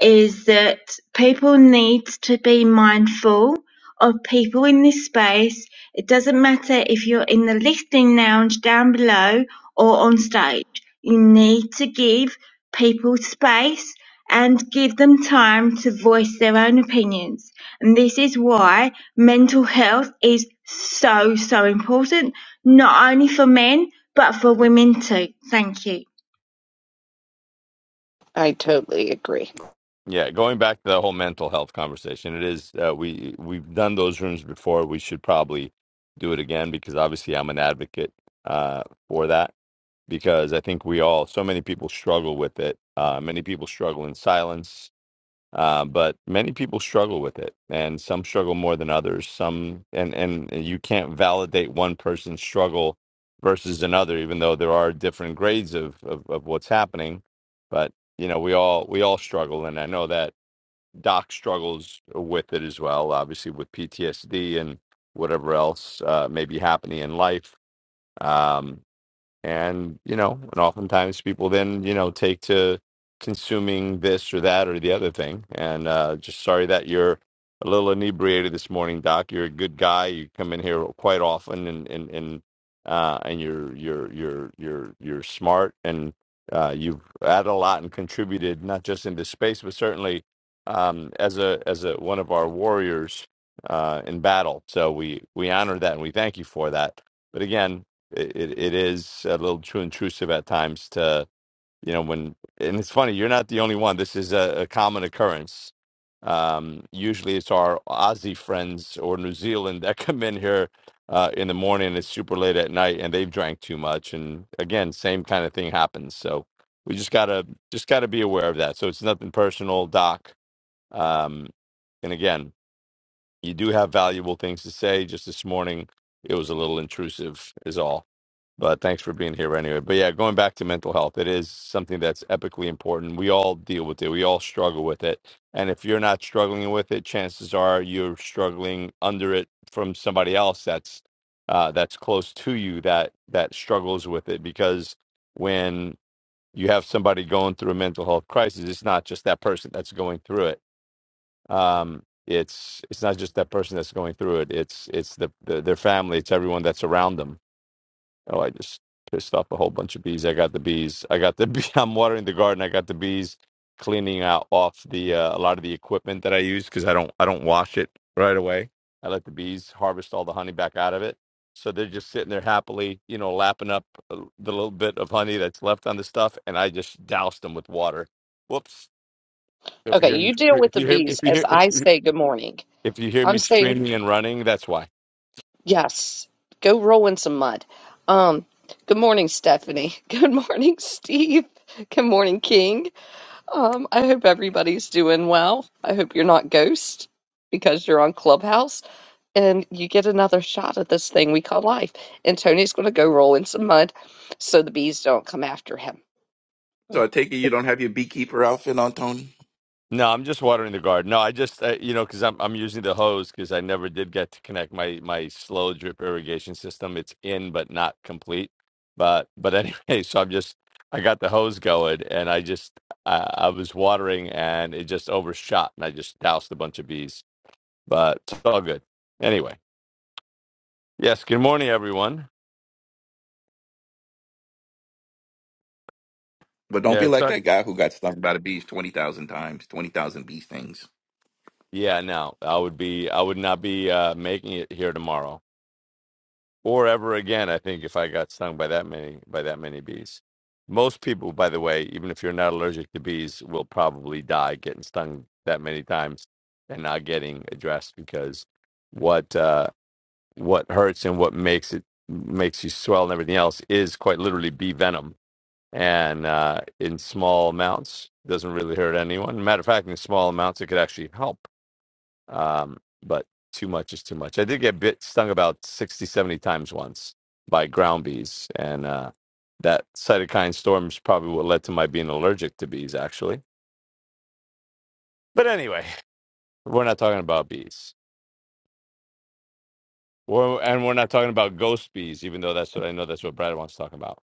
is that people need to be mindful of people in this space. It doesn't matter if you're in the listening lounge down below or on stage. You need to give people space and give them time to voice their own opinions. And this is why mental health is so, so important, not only for men, but for women too. Thank you. I totally agree. yeah, going back to the whole mental health conversation, it is. Uh, we we've done those rooms before. We should probably do it again because obviously I'm an advocate uh for that because I think we all, so many people struggle with it. Uh, many people struggle in silence, uh, but many people struggle with it, and some struggle more than others. Some, and and you can't validate one person's struggle versus another, even though there are different grades of of, of what's happening. But you know, we all we all struggle, and I know that Doc struggles with it as well, obviously with PTSD and whatever else uh, may be happening in life. Um, and you know and oftentimes people then you know take to consuming this or that or the other thing and uh just sorry that you're a little inebriated this morning doc you're a good guy you come in here quite often and and, and uh and you're you're you're you're you're smart and uh you've added a lot and contributed not just in this space but certainly um as a as a one of our warriors uh in battle so we we honor that and we thank you for that but again it, it it is a little too intrusive at times to you know when and it's funny you're not the only one this is a, a common occurrence um usually it's our aussie friends or new zealand that come in here uh in the morning and it's super late at night and they've drank too much and again same kind of thing happens so we just gotta just gotta be aware of that so it's nothing personal doc um and again you do have valuable things to say just this morning it was a little intrusive is all but thanks for being here anyway. But yeah, going back to mental health, it is something that's epically important. We all deal with it. We all struggle with it. And if you're not struggling with it, chances are you're struggling under it from somebody else that's uh, that's close to you that that struggles with it. Because when you have somebody going through a mental health crisis, it's not just that person that's going through it. Um, it's it's not just that person that's going through it. It's it's the, the their family. It's everyone that's around them Oh, I just pissed off a whole bunch of bees. I got the bees. I got the bee. I'm watering the garden. I got the bees cleaning out off the uh, a lot of the equipment that I use because I don't I don't wash it right away. I let the bees harvest all the honey back out of it. So they're just sitting there happily, you know, lapping up uh, the little bit of honey that's left on the stuff, and I just doused them with water. Whoops! If you Okay, hear me, you deal if with the you hear if bees you as hear if I you, say good morning. if you hear I'm me saying screaming and running, that's why. yes. Go roll in some mud. Um, good morning, Stephanie. Good morning, Steve. Good morning, King. Um, I hope everybody's doing well. I hope you're not ghost because you're on Clubhouse and you get another shot at this thing we call life. And Tony's going to go roll in some mud so the bees don't come after him. Yeah. So I take it you don't have your beekeeper outfit on, Tony? No, I'm just watering the garden. No, I just uh, you know because I'm I'm using the hose because I never did get to connect my my slow drip irrigation system. It's in but not complete. But but anyway, so I'm just I got the hose going and I just I, I was watering and it just overshot and I just doused a bunch of bees. But it's all good. Anyway, yes. Good morning, everyone. But don't Yeah, be it's like not. that guy who got stung by the bees 20,000 times, 20,000 bee stings. Yeah, no, I would be I would not be uh, making it here tomorrow. or ever again. I think if I got stung by that many by that many bees, most people, by the way, even if you're not allergic to bees, will probably die getting stung that many times and not getting addressed because what uh, what hurts and what makes it makes you swell and everything else is quite literally bee venom, and uh, in small amounts doesn't really hurt anyone. Matter of fact, in small amounts it could actually help um, but too much is too much. I did get bit stung about 60, 70 times once by ground bees, and uh, that cytokine storm is probably what led to my being allergic to bees, actually. But anyway, we're not talking about bees. Well, and we're not talking about ghost bees, even though that's what I know that's what Brad wants to talk about.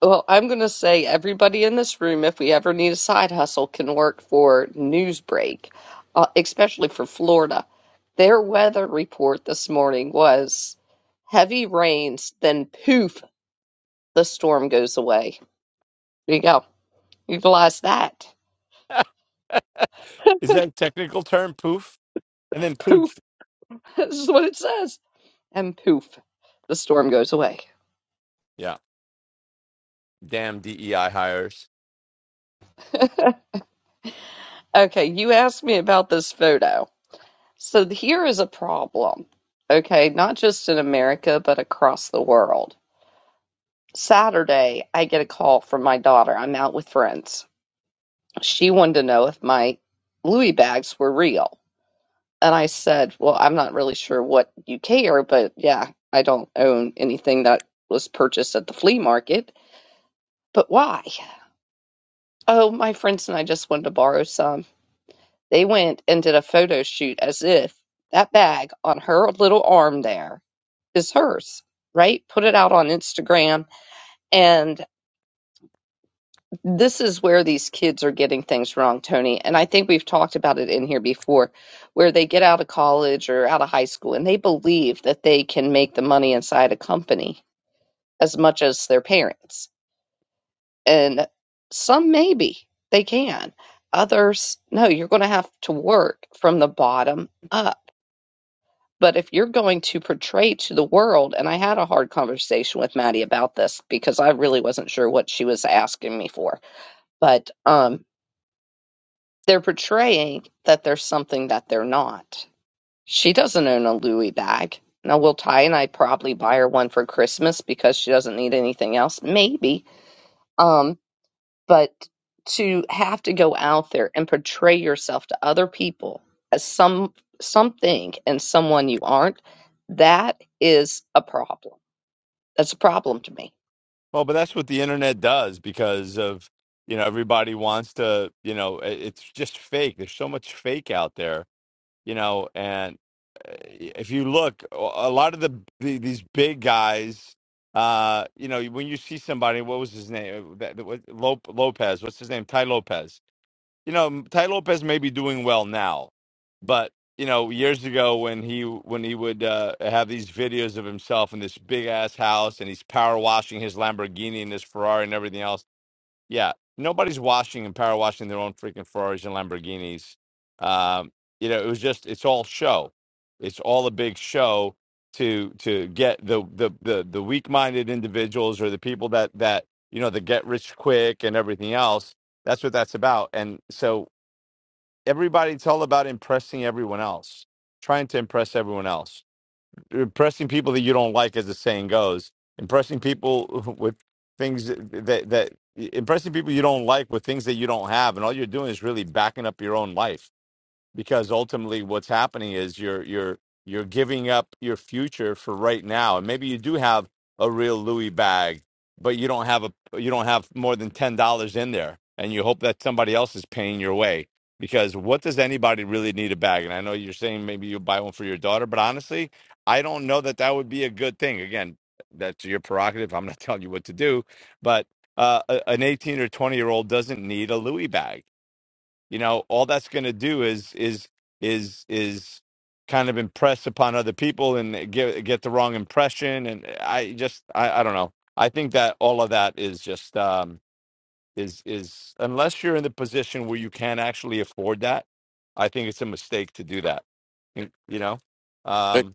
Well, I'm going to say everybody in this room, if we ever need a side hustle, can work for Newsbreak, uh, especially for Florida. Their weather report this morning was heavy rains, then poof, the storm goes away. There you go. Utilize that. Is that a technical term? Poof, and then Poof. poof. This is what it says. And poof, the storm goes away. Yeah, damn DEI hires. Okay, you asked me about this photo. So here is a problem. Okay, not just in America, but across the world Saturday, I get a call from my daughter. I'm out with friends. She wanted to know if my Louis bags were real. And I said, Well, I'm not really sure what you care, but yeah, I don't own anything that was purchased at the flea market. But why? Oh, my friends and I just wanted to borrow some. They went and did a photo shoot as if that bag on her little arm there is hers, right? Put it out on Instagram. and. This is where these kids are getting things wrong, Tony. And I think we've talked about it in here before, where they get out of college or out of high school and they believe that they can make the money inside a company as much as their parents. And some maybe they can. Others, no, you're going to have to work from the bottom up. But if you're going to portray to the world, and I had a hard conversation with Maddie about this because I really wasn't sure what she was asking me for but um They're portraying that they're something that they're not. She doesn't own a Louis bag. Now, will Ty and I probably buy her one for Christmas because she doesn't need anything else? Maybe. Um, but to have to go out there and portray yourself to other people as some something and someone you aren't, that is a problem. That's a problem to me. Well, but that's what the internet does because of, you know, everybody wants to, you know, i- it's just fake. There's so much fake out there, you know, and uh, if you look, a a lot of the, the these big guys, uh, you know, when you see somebody, what was his name? Uh, That, that was Lop- Lopez. What's his name? Ty Lopez. you know, Ty Lopez may be doing well now, but you know, years ago when he when he would uh, have these videos of himself in this big ass house and he's power washing his Lamborghini and his Ferrari and everything else. Yeah, nobody's washing and power washing their own freaking Ferraris and Lamborghinis. Um, you know, it was just it's all show. It's all a big show to to get the the the, the weak minded individuals or the people that that you know the get rich quick and everything else that's what that's about. And so everybody it's all about impressing everyone else trying to impress everyone else impressing people that you don't like as the saying goes impressing people with things that that impressing people you don't like with things that you don't have and all you're doing is really backing up your own life because ultimately what's happening is you're you're you're giving up your future for right now and maybe you do have a real louis bag but you don't have a you don't have more than $10 in there and you hope that somebody else is paying your way because what does anybody really need a bag and i know you're saying maybe you buy one for your daughter but honestly i don't know that that would be a good thing again that's your prerogative i'm not telling you what to do but uh, a- an 18 or 20 year old doesn't need a louis bag you know all that's going to do is is is is kind of impress upon other people and get get the wrong impression and i just i, I don't know i think that all of that is just um is is unless you're in the position where you can actually afford that i think it's a mistake to do that you you know Hey, um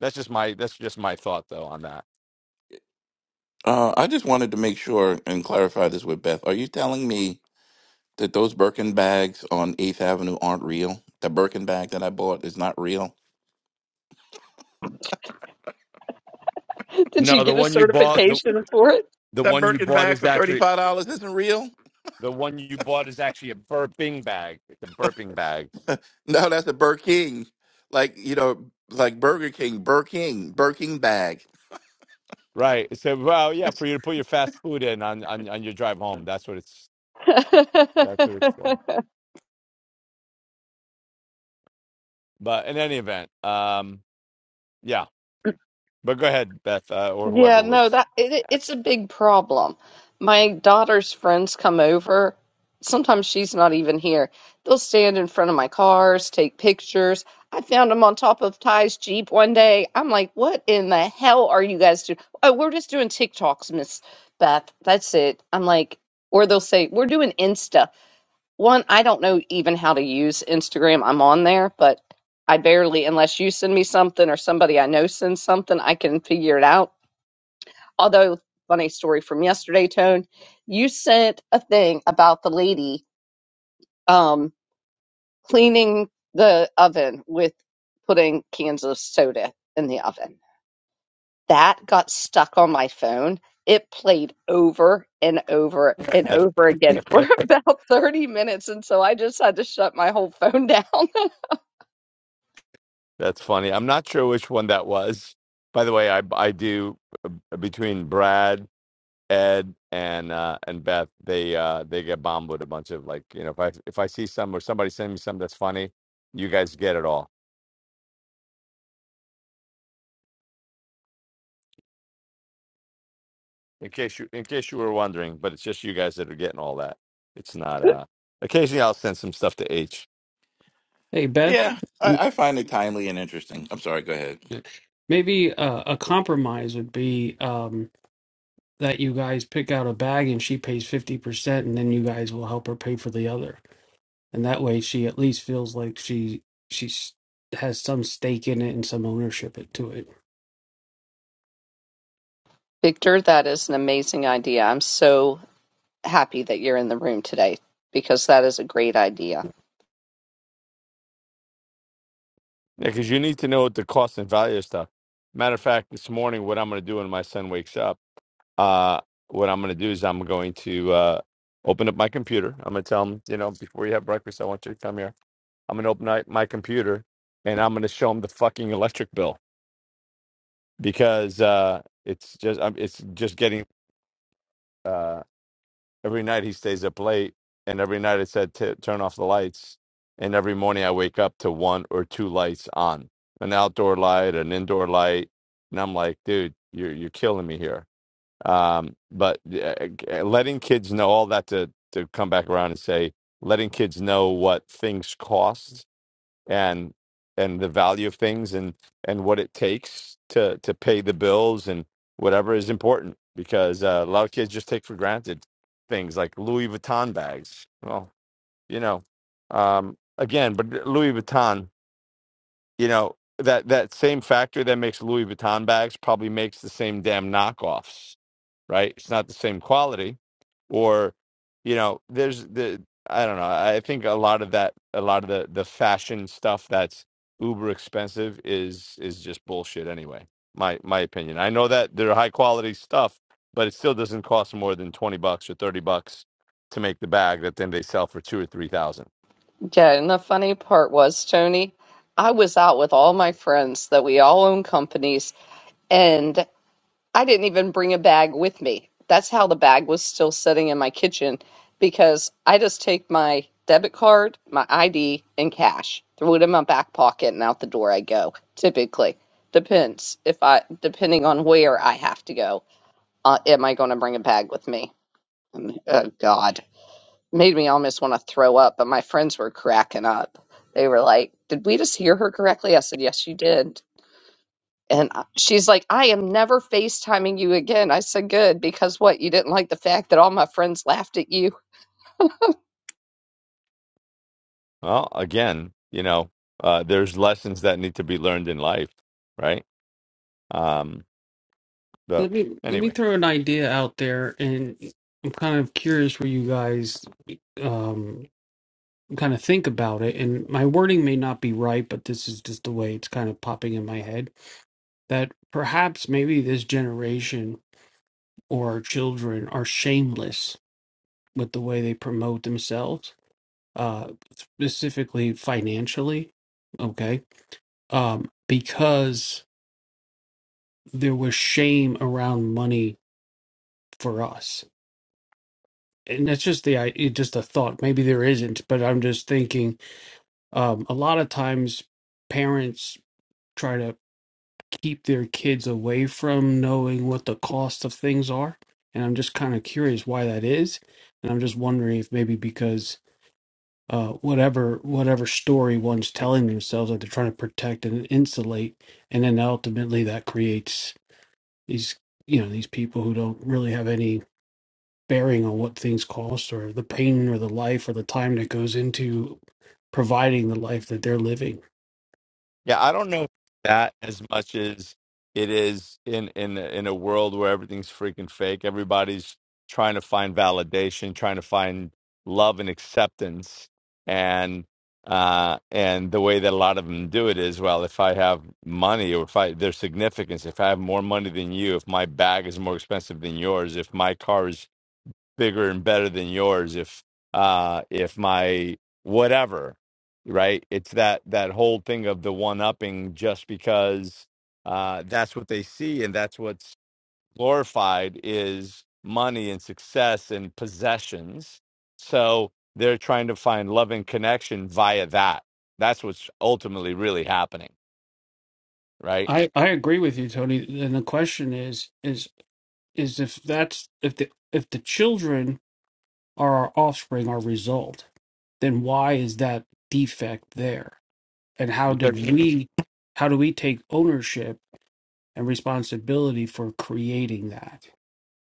that's just my that's just my thought though on that Uh, I just wanted to make sure and clarify this with Beth. Are you telling me that those Birkin bags on 8th Avenue aren't real? The Birkin bag that I bought is not real? Did you no the get a one you bought the certification for the That one you Birkin bought bag is for actually $35 isn't real? the one you bought is actually a burping bag it's a burping bag No, that's a Birkin. Like, you know, like Burger King, Birkin, Birkin bag. Right. So, well, yeah, for you to put your fast food in on, on on your drive home. That's what it's it? that's what it's for. But in any event, um, yeah. But go ahead, Beth, uh, or whoever Yeah, no, was. that it, it's a big problem. My daughter's friends come over. Sometimes she's not even here. They'll stand in front of my cars, take pictures. I found them on top of Ty's Jeep one day. I'm like, what in the hell are you guys doing? Oh, we're just doing TikToks, Miss Beth. That's it. I'm like, or they'll say, we're doing Insta. One, I don't know even how to use Instagram. I'm on there, but I barely, unless you send me something or somebody I know sends something, I can figure it out although funny story from yesterday tone you sent a thing about the lady um cleaning the oven with putting cans of soda in the oven that got stuck on my phone it played over and over and over again for that's about 30 minutes and so i just had to shut my whole phone down funny. I'm not sure which one that was. By the way, I I do between Brad, Ed, and uh, and Beth, they uh, they get bombed with a bunch of like you know if I if I see some or somebody send me some that's funny, you guys get it all. in case you in case you were wondering, but it's just you guys that are getting all that. It's not uh occasionally I'll send some stuff to H. Hey Beth, Yeah, m- I, I find it timely and interesting. I'm sorry, go ahead. maybe uh, a compromise would be um, that you guys pick out a bag and she pays 50% and then you guys will help her pay for the other. And that way she at least feels like she she's has some stake in it and some ownership it- to it. victor that is an amazing idea i'm so happy that you're in the room today because that is a great idea Yeah, because you need to know the cost and value of stuff. Matter of fact, this morning what I'm gonna do when my son wakes up, uh what I'm gonna do is I'm going to uh open up my computer. I'm gonna tell him, you know, before you have breakfast, I want you to come here. I'm gonna open up my computer and I'm gonna show him the fucking electric bill because uh it's just I'm it's just getting Uh, every night he stays up late and every night i said "T- turn off the lights and every morning i wake up to one or two lights on an outdoor light an indoor light and i'm like dude you're, you're killing me here um, but uh, uh, letting kids know all that to, to come back around and say letting kids know what things cost and and the value of things and and what it takes to to pay the bills and whatever is important because uh, a lot of kids just take for granted things like Louis Vuitton bags. Well, you know, um, again, but Louis Vuitton, you know that that same factory that makes Louis Vuitton bags probably makes the same damn knockoffs right? It's not the same quality, or you know, there's the I don't know. I think a lot of that, a lot of the the fashion stuff that's uber expensive is is just bullshit anyway. My my opinion. I know that they're high quality stuff, but it still doesn't cost more than twenty bucks or thirty bucks to make the bag that then they sell for two or three thousand. Yeah, and the funny part was, Tony, I was out with all my friends that we all own companies, and I didn't even bring a bag with me. That's how the bag was still sitting in my kitchen because I just take my debit card, my ID, and cash, throw it in my back pocket, and out the door I go. Typically, depends if I depending on where I have to go. Uh, am I going to bring a bag with me? Um, Oh God made me almost want to throw up, but my friends were cracking up. They were like, Did we just hear her correctly? I said, Yes, you did. And I- she's like, I am never FaceTiming you again. I said, Good, because what? You didn't like the fact that all my friends laughed at you? Well, again, you know, uh, there's lessons that need to be learned in life, right? Um, but Let me let me anyway. throw an idea out there and I'm kind of curious where you guys um kind of think about it and my wording may not be right, but this is just the way it's kind of popping in my head that perhaps maybe this generation or our children are shameless with the way they promote themselves, uh, specifically financially, okay? Um, because there was shame around money for us. And that's just the i- it just a thought. Maybe there isn't, but I'm just thinking. Um, a lot of times, parents try to keep their kids away from knowing what the cost of things are, and I'm just kind of curious why that is. And I'm just wondering if maybe because uh, whatever whatever story one's telling themselves that they're trying to protect and insulate, and then ultimately that creates these you know these people who don't really have any bearing on what things cost or the pain or the life or the time that goes into providing the life that they're living. Yeah, I don't know that as much as it is in in a- in a world where everything's freaking fake. Everybody's trying to find validation, trying to find love and acceptance, and uh and the way that a lot of them do it is well if i have money or if i there's significance if i have more money than you if my bag is more expensive than yours if my car is bigger and better than yours if uh if my whatever right it's that that whole thing of the one upping just because uh that's what they see and that's what's glorified is money and success and possessions so they're trying to find love and connection via that that's what's ultimately really happening right I I agree with you, Tony. And the question is is is if that's if the if the children are our offspring, our result, then why is that defect there? and how did we how do we take ownership and responsibility for creating that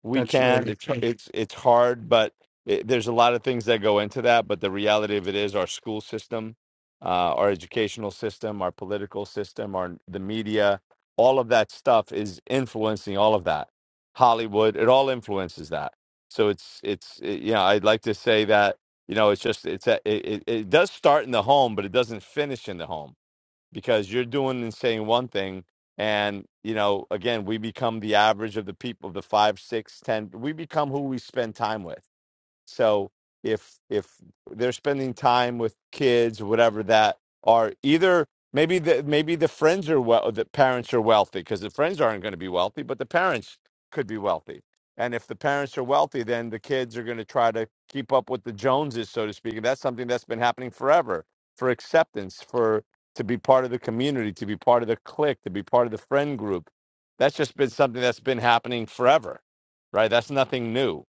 we that's can. really It's it's it's hard, but it, there's a lot of things that go into that. But the reality of it is, our school system, uh, our educational system, our political system, our the media, all of that stuff is influencing all of that. Hollywood, it all influences that. So it's it's it, you know, I'd like to say that you know, it's just it's a, it, it it does start in the home, but it doesn't finish in the home because you're doing and saying one thing and you know again we become the average of the people the five six ten we become who we spend time with so if if they're spending time with kids or whatever that are either maybe the maybe the friends are well the parents are wealthy because the friends aren't going to be wealthy, but the parents could be wealthy. And if the parents are wealthy, then the kids are going to try to keep up with the Joneses, so to speak. And that's something that's been happening forever for acceptance, for to be part of the community, to be part of the clique, to be part of the friend group. That's just been something that's been happening forever, right? That's nothing new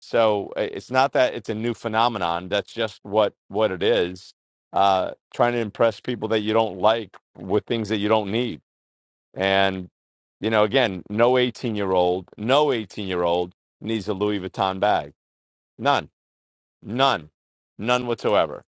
so uh, it's not that it's a new phenomenon. That's just what what it is. Uh, trying to impress people that you don't like with things that you don't need. And you know, again, no eighteen year old, no eighteen year old needs a Louis Vuitton bag. None, none, none whatsoever.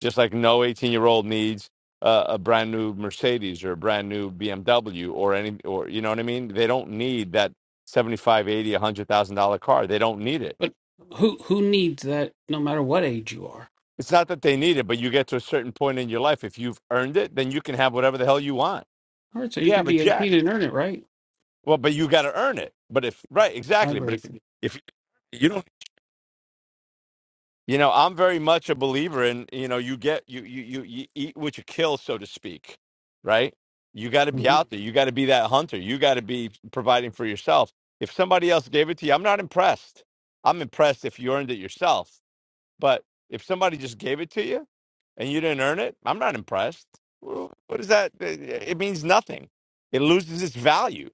Just like no eighteen year old needs a, a brand new Mercedes or a brand new BMW or any or you know what I mean. They don't need that. seventy-five, eighty, one hundred thousand dollar car they don't need it but who who needs that no matter what age you are It's not that they need it, but you get to a certain point in your life. If you've earned it, then you can have whatever the hell you want. all right so you Yeah, could but be Jack. 18 and earn it right Well, but you got to earn it. But if right, i exactly. agree But with if you if you don't, you know, I'm very much a believer in you know you get you you you, you eat what you kill, so to speak. Right? You got to be hmm out there. You got to be that hunter. You got to be providing for yourself. If somebody else gave it to you, I'm not impressed. I'm impressed if you earned it yourself. But if somebody just gave it to you and you didn't earn it, I'm not impressed. Wh- What is that? It it means nothing. It loses its value,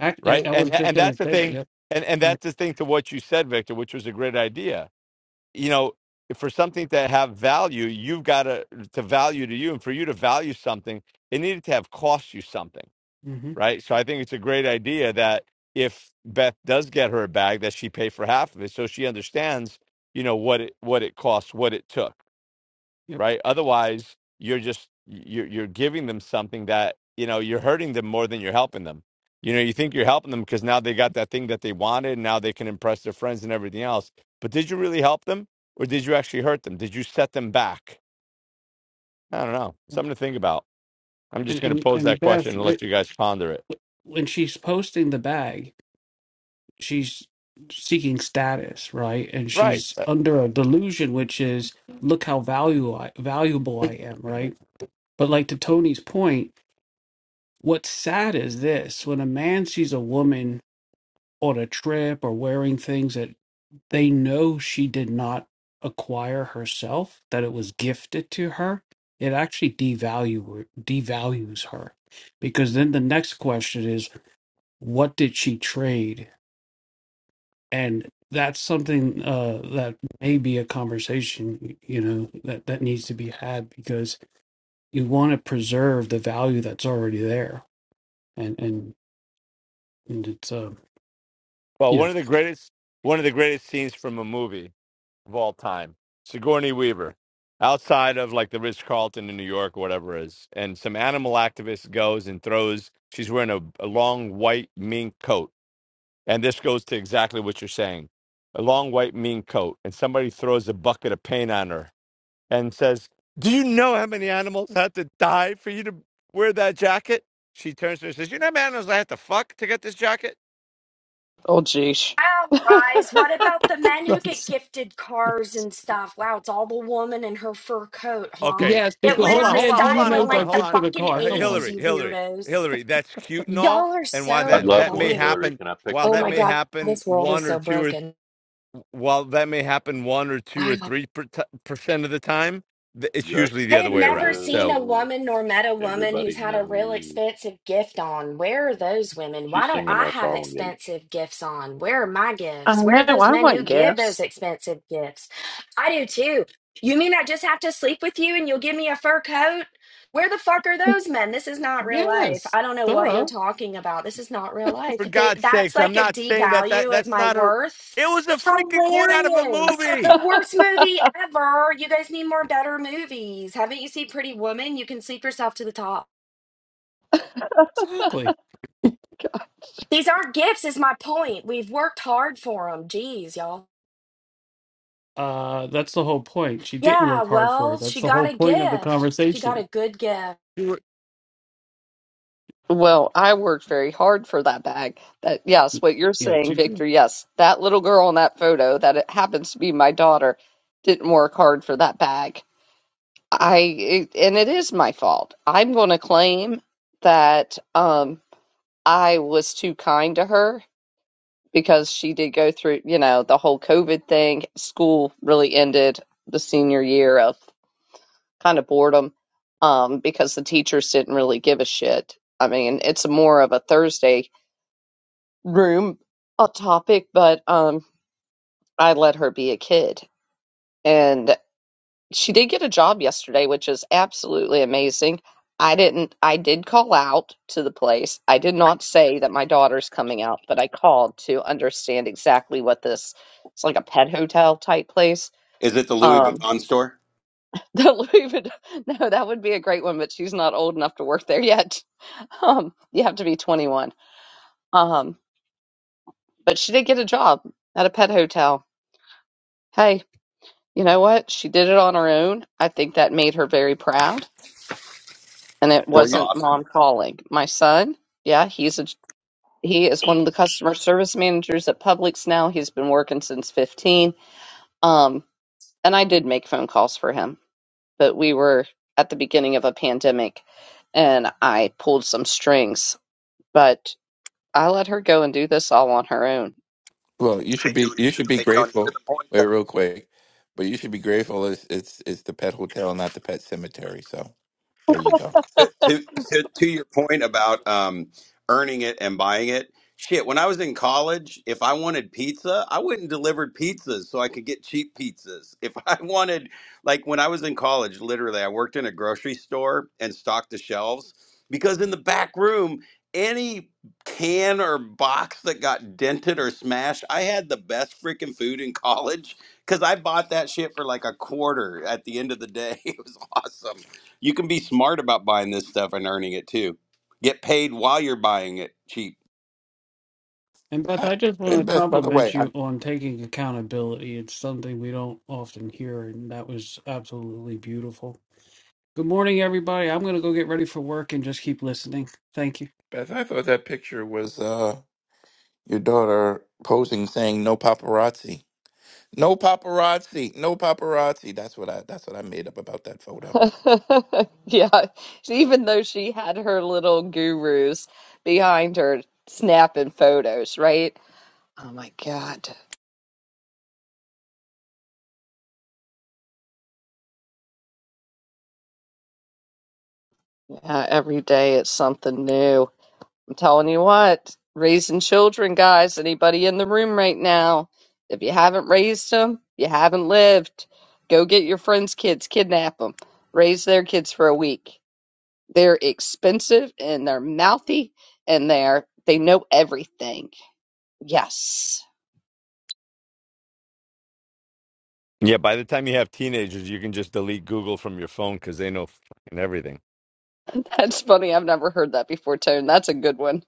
I, I, right? I And was just and going that's to the say that thing. yep And and yep that's the thing to what you said, Victor, which was a great idea. You know, for something to have value, you've got to to value to you, and for you to value something, it needed to have cost you something, hmm right? So I think it's a great idea that if Beth does get her a bag, that she pay for half of it, so she understands, you know, what it what it costs, what it took yep right? Otherwise, you're just you're you're giving them something that you know you're hurting them more than you're helping them. You know, you think you're helping them because now they got that thing that they wanted, and now they can impress their friends and everything else. But did you really help them, or did you actually hurt them? Did you set them back? I don't know. Something to think about. I'm just and going to and pose and that question beth and let wh- you guys ponder it. wh- when she's posting the bag she's seeking status right and Right. she's Uh, under a delusion which is look how value I, valuable I am right But like to Tony's point, what's sad is this when a man sees a woman on a trip or wearing things that they know she did not acquire herself, that it was gifted to her, it actually devalue devalues her. Because then the next question is, what did she trade? And that's something uh, that may be a conversation, you know, that, that needs to be had because you want to preserve the value that's already there. And and And it's, uh, Well, you one know, of the greatest one of the greatest scenes from a movie of all time, Sigourney Weaver, outside of like the Ritz Carlton in New York, or whatever it is, and some animal activist goes and throws. She's wearing a, a long white mink coat, and this goes to exactly what you're saying, a long white mink coat, and somebody throws a bucket of paint on her and says, "Do you know how many animals had to die for you to wear that jacket?" She turns to her and says, "You know how many animals I had to fuck to get this jacket?" Oh, geez. Wow, guys, what about the men who get that's, gifted cars and stuff? Wow, it's all the woman in her fur coat, huh? Okay. yes, Eh, That because went Hold what on, out of hold man on, do hold you style on, in know hold on, like got the hold on. gifted in a fucking Uh, car? hey, Come on. 80s, Hillary, you Hillary, weirdos. Hillary, that's cute and all. Y'all are And why I'd so that love that Exactly. may one, funny. Hillary. happen, Can I pick while the Oh that my may color? God, happen this world is one or so two or broken. while that may happen one or two Wow. or three per t- percent of the time, th- it's Just usually a the I other have way never around. seen a So gigolo. woman nor met a woman who's Everybody had a real knows. expensive gift on. Where are those women? Why She's don't singing I our have song, H. expensive gifts on? Where are my I gifts? Where are know. those I men want who give those gifts. expensive gifts? I do too. You mean I just have to sleep with you and you'll give me a fur coat? Where the fuck are those men? This is not real life. Yes, I don't know what you're duh, talking about. This is not real for life. They, God's that's sakes, I'm like a not saying that that devalue of that's my not a. worth It was a freaking quote out of a hilarious. The movie. worst movie ever. You guys need more better movies. Haven't you seen Pretty Woman? You can sleep yourself to the top. exactly. These aren't gifts, is my point. We've worked hard for them. Jeez, y'all. Uh, that's the whole point. She didn't Yeah, work hard for it. well, she That's the whole got a point of the gift. She got a conversation. good gift. You were- Well, I worked very hard for that bag. That yes, what you're Yes, saying, you Victor, do. yes. That little girl in that photo that it happens to be my daughter didn't work hard for that bag. I and it is my fault. I'm going to claim that um I was too kind to her because she did go through, you know, the whole COVID thing. School really ended the senior year of kind of boredom um because the teachers didn't really give a shit. I mean, it's more of a Thursday room a topic, but um I let her be a kid. and. she did get a job yesterday, which is absolutely amazing. I didn't, I did call out to the place. I did not say that my daughter's coming out, but I called to understand exactly what this, it's like a pet hotel type place. Is it the Louis Um, Vuitton store? the Louis Vuitton, no, that would be a great one, but she's not old enough to work there yet. Um, you have to be 21. Um, but she did get a job at a pet hotel. Hey, you know what? She did it on her own. I think that made her very proud and it Well, That's you. wasn't awesome. mom calling. My son, yeah, he's a he is one of the customer service managers at Publix now. He's been working since 15. Um, and I did make phone calls for him, but we were at the beginning of a pandemic and I pulled some strings, but I let her go and do this all on her own. Well, you should be you should be grateful. Wait, real quick, but you should be grateful. It's it's it's the pet hotel, not the pet cemetery. So there you go. to, to to to your point about um, earning it and buying it. Shit, when I was in college, if I wanted pizza, I went and delivered pizzas so I could get cheap pizzas. If I wanted, like when I was in college, literally, I worked in a grocery store and stocked the shelves because in the back room, any can or box that got dented or smashed, I had the best freaking food in college because I bought that shit for like a quarter at the end of the day. It was awesome. You can be smart about buying this stuff and earning it too. Get paid while you're buying it cheap. And Beth, I, I just want and to Beth, by the way, compliment I, you on taking accountability. It's something we don't often hear, and that was absolutely beautiful. Good morning, everybody. I'm going to go get ready for work and just keep listening. Thank you. Beth, I thought that picture was uh your daughter posing, saying "No paparazzi, no paparazzi, no paparazzi." That's what I that's what I made up about that photo. Yeah, even though she had her little gurus behind her snapping photos, right? Oh my God. Yeah, every day it's something new. I'm telling you what, raising children, guys, anybody in the room right now, if you haven't raised them, you haven't lived. Go get your friends' kids, kidnap them, raise their kids for a week. They're expensive and they're mouthy and they're they know everything. Yes. Yeah, by the time you have teenagers, you can just delete Google from your phone because they know fucking everything. That's funny. I've never heard that before, Tone. That's a good one.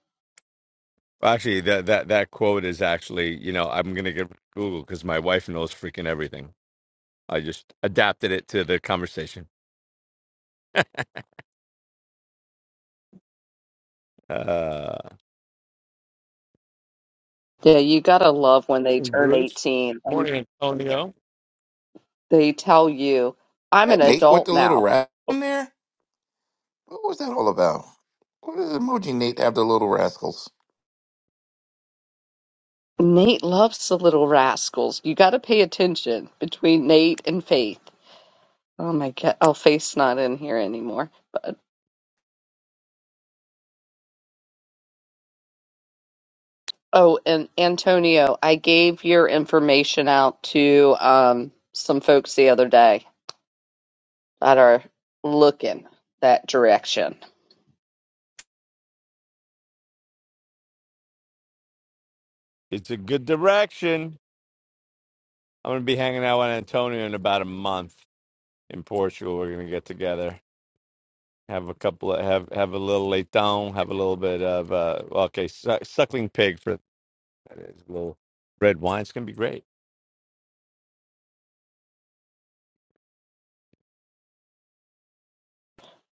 Actually, that that that quote is actually, you know, I'm gonna get Google because my wife knows freaking everything. I just adapted it to the conversation. Uh, Yeah, you gotta love when they Morning, turn Bruce. 18 and Morning, Antonio. they tell you, I'm That an Nate with adult the little now. rat on there. What was that all about? What does emoji Nate have the little rascals? Nate loves the Little Rascals. You got to pay attention between Nate and Faith. Oh my God. Oh, Faith's not in here anymore. But oh, and Antonio, I gave your information out to um some folks the other day that are looking that direction. It's a good direction. I'm gonna be hanging out with Antonio in about a month in Portugal. We're gonna get together, have a couple of have have a little leitão, have a little bit of uh, well, okay, su- suckling pig for. That is a little red wine. It's gonna be great.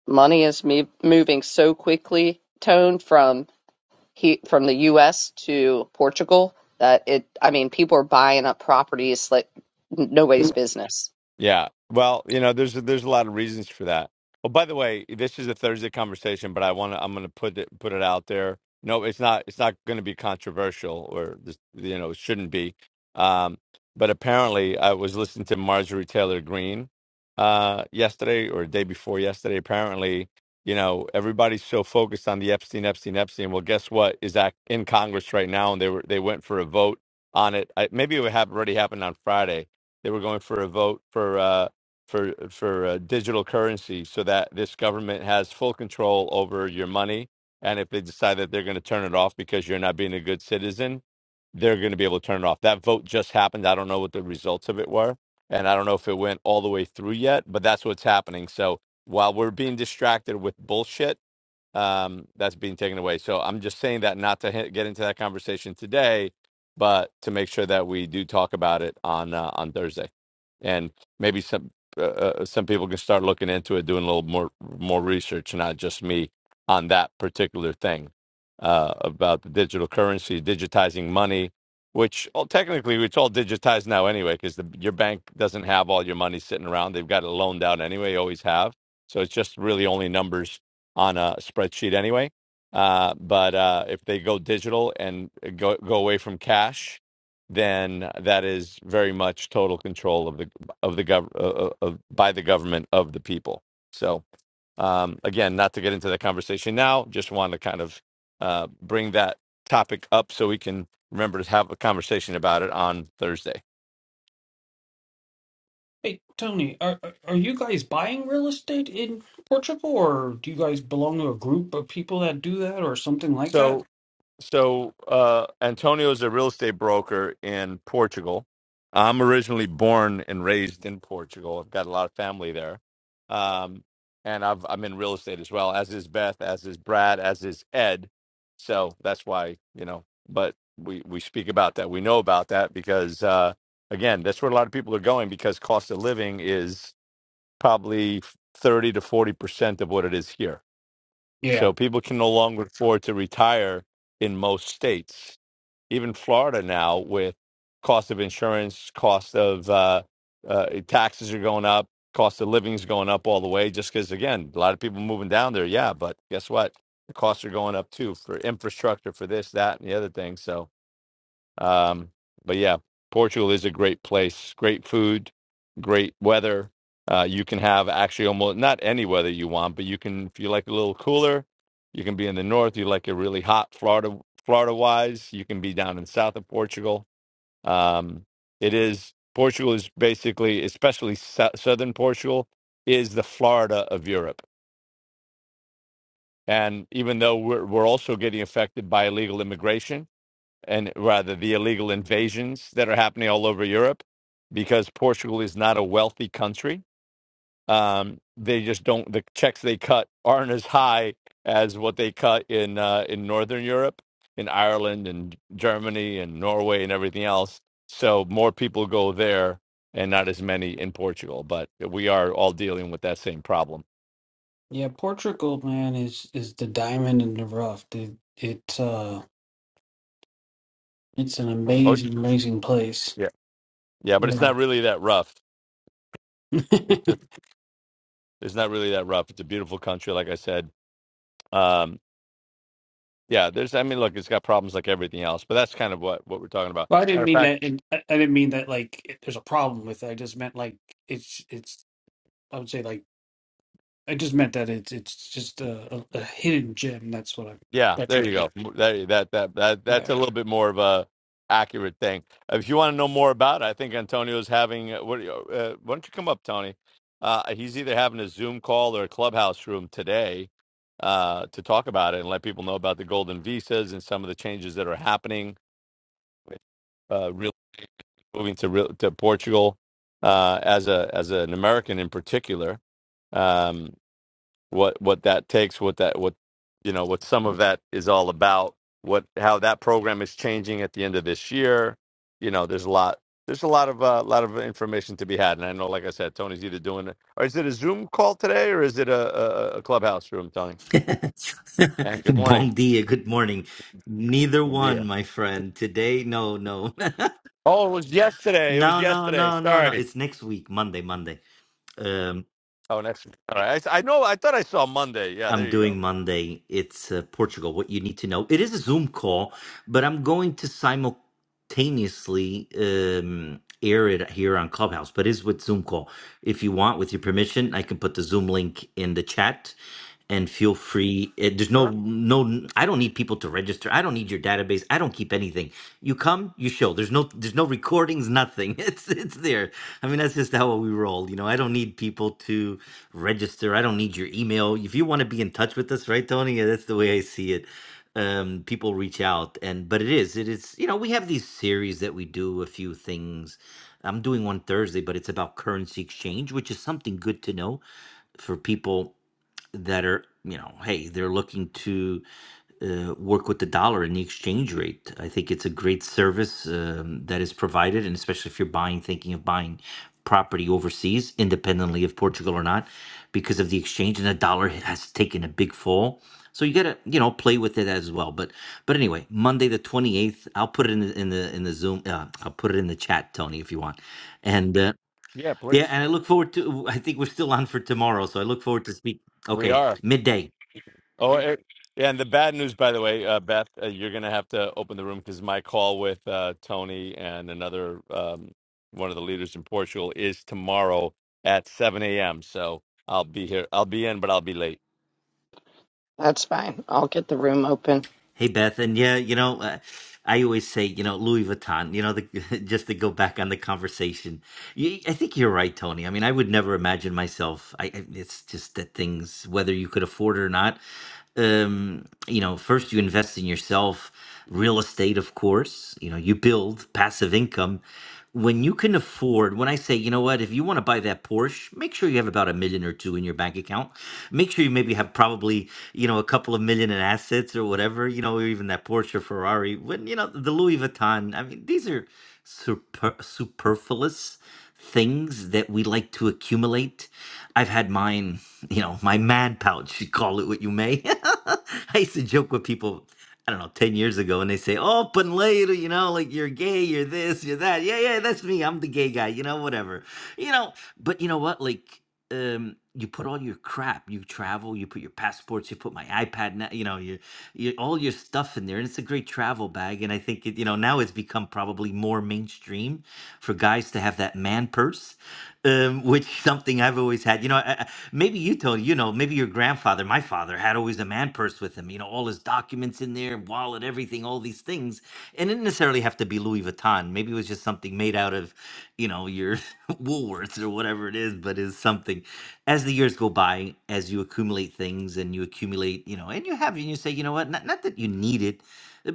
Money is me- moving so quickly, Tone, from he from the U.S. to Portugal that it. I mean, people are buying up properties like nobody's business. Yeah. Well, you know, there's there's a lot of reasons for that. Oh, by the way, this is a Thursday conversation, but I want to I'm going to put it put it out there. No, it's not it's not going to be controversial or this, you know, it shouldn't be. Um, but apparently I was listening to Marjorie Taylor Greene uh yesterday or day before yesterday apparently, you know, everybody's so focused on the Epstein Epstein Epstein. Well, guess what is that in Congress right now and they were they went for a vote on it. I, maybe it would have already happened on Friday they were going for a vote for uh, for for uh, digital currency, so that this government has full control over your money. And if they decide that they're going to turn it off because you're not being a good citizen, they're going to be able to turn it off. That vote just happened. I don't know what the results of it were, and I don't know if it went all the way through yet. But that's what's happening. So while we're being distracted with bullshit um, that's being taken away. So I'm just saying that not to hit, get into that conversation today, but to make sure that we do talk about it on uh, on Thursday, and maybe some uh, uh, some people can start looking into it, doing a little more more research, not just me on that particular thing uh, about the digital currency, digitizing money. Which well, technically it's all digitized now anyway, because your bank doesn't have all your money sitting around. They've got it loaned out anyway, always have. So it's just really only numbers on a spreadsheet anyway. Uh, but uh, if they go digital and go go away from cash, then that is very much total control of the of the gov uh, uh, of, by the government of the people. So um, again, not to get into that conversation now, just want to kind of uh, bring that topic up so we can remember to have a conversation about it on Thursday. Hey, Tony, are are are you guys buying real estate in Portugal, or do you guys belong to a group of people that do that, or something like So that? so uh, Antonio is a real estate broker in Portugal. I'm originally born and raised in Portugal. I've got a lot of family there, um, and I've, I'm in real estate as well. As is Beth, as is Brad, as is Ed. So that's why you know. But we we speak about that. We know about that because uh, again, that's where a lot of people are going because cost of living is probably thirty to forty percent of what it is here Yeah, so people can no longer afford to retire in most states, even Florida now, with cost of insurance, cost of uh, uh, taxes are going up, cost of living is going up all the way. Just because, again, a lot of people moving down there, yeah, but guess what? The costs are going up too for infrastructure, for this, that, and the other thing. So um, but yeah, Portugal is a great place. Great food, great weather. Uh, you can have actually almost not any weather you want, but you can if you like a little cooler, you can be in the north. You like it really hot, Florida, Florida wise. You can be down in south of Portugal. Um, it is Portugal is basically, especially sou- southern Portugal, is the Florida of Europe. And even though we're we're also getting affected by illegal immigration, and rather the illegal invasions that are happening all over Europe because Portugal is not a wealthy country. Um, they just don't, the checks they cut aren't as high as what they cut in, uh, in Northern Europe, in Ireland and Germany and Norway and everything else. So more people go there and not as many in Portugal, but we are all dealing with that same problem. yeah, Portugal, man, is is the diamond in the rough. It, it's uh, it's an Oh, amazing, amazing place. yeah. Yeah, but it's Yeah. not really that rough. It's just, it's not really that rough. It's a beautiful country, like I said. Um, Yeah, there's. I mean, look, it's got problems like everything else, but that's kind of what what we're talking about. Well, I didn't Matter of mean fact, that. In, I I didn't mean that. Like, it- there's a problem with it. I just meant like it's it's. I would say like I just meant that it's it's just a, a, a hidden gem. That's what I. yeah, That's there what I you go. M- There, that that that that's a meant. little bit more of a accurate thing. Uh, If you want to know more about, it, I think Antonio's having. uh, What? do you- Uh, why don't you come up, Tony? Uh, he's either having a Zoom call or a clubhouse room today uh, to talk about it and let people know about the golden visas and some of the changes that are happening with uh, really moving to real, to Portugal uh, as a as an American in particular. Um, what what that takes, what that what you know, what some of that is all about. What how that program is changing at the end of this year. You know, there's a lot. There's a lot of uh, lot of information to be had, and I know, like I said, Tony's either doing it, or is it a Zoom call today, or is it a, a, a clubhouse room, Tony? And good morning, bon dia, good morning. Neither good one, year. my friend. Today, no, no, Oh, it was yesterday. It was no, no, yesterday. no, no, Sorry. no. It's next week, Monday, Monday. Um. Oh, next. All right. I I know. I thought I saw Monday. Yeah, I'm there you go. doing Monday. It's uh, Portugal. What you need to know. It is a Zoom call, but I'm going to simultaneously um, air it here on Clubhouse. But it's with Zoom call. If you want, with your permission, I can put the Zoom link in the chat, and feel free. It, there's no Sure. no. I don't need people to register. I don't need your database. I don't keep anything. You come, you show. There's no there's no recordings. Nothing. It's it's there. I mean, that's just how we roll. You know, I don't need people to register. I don't need your email. If you want to be in touch with us, right, Tony? Yeah, That's the way I see it. Um, people reach out, and but it is, it is. You know, we have these series that we do a few things. I'm doing one Thursday, but it's about currency exchange, which is something good to know for people that are you know hey they're looking to uh, work with the dollar and the exchange rate i think it's a great service um, that is provided and especially if you're buying thinking of buying property overseas independently of portugal or not because of the exchange and the dollar has taken a big fall so you gotta you know play with it as well but but anyway monday the 28th i'll put it in the in the in the zoom uh, i'll put it in the chat tony if you want and uh, Yeah, yeah, please. and I look forward to. I think we're still on for tomorrow, so I look forward to speak. We Okay, are. midday. Oh, eh, yeah. And the bad news, by the way, uh, Beth, uh, you're going to have to open the room because my call with uh, Tony and another um, one of the leaders in Portugal is tomorrow at 7 a.m. So I'll be here. I'll be in, but I'll be late. That's fine. I'll get the room open. Hey, Beth, and yeah, you know, uh, I always say, you know, Louis Vuitton. You know, the, just to go back on the conversation, you, I think you're right, Tony. I mean, I would never imagine myself. I, I it's just that things, whether you could afford it or not, um, you know, first you invest in yourself, real estate, of course. You know, you build passive income when you can afford, when I say, you know what, if you want to buy that Porsche, make sure you have about a million or two in your bank account. Make sure you maybe have probably, you know, a couple of million in assets or whatever, you know, or even that Porsche or Ferrari. When, you know, the Louis Vuitton, I mean, these are super, superfluous things that we like to accumulate. I've had mine, you know, my man pouch, you call it what you may. I used to joke with people. I don't know, 10 years ago, and they say, oh, panleiro, you know, like you're gay, you're this, you're that. Yeah, yeah, that's me. I'm the gay guy, you know, whatever. You know, but you know what? Like, um, you put all your crap, you travel, you put your passports, you put my iPad, na- you know, your, your all your stuff in there. And it's a great travel bag. And I think, it, you know, now it's become probably more mainstream for guys to have that man purse, um, which something I've always had. You know, I, maybe you told you know maybe your grandfather my father had always a man purse with him you know all his documents in there wallet everything all these things and it didn't necessarily have to be louis vuitton maybe it was just something made out of you know your woolworths or whatever it is but is something as the years go by as you accumulate things and you accumulate you know and you have it and you say you know what not, not that you need it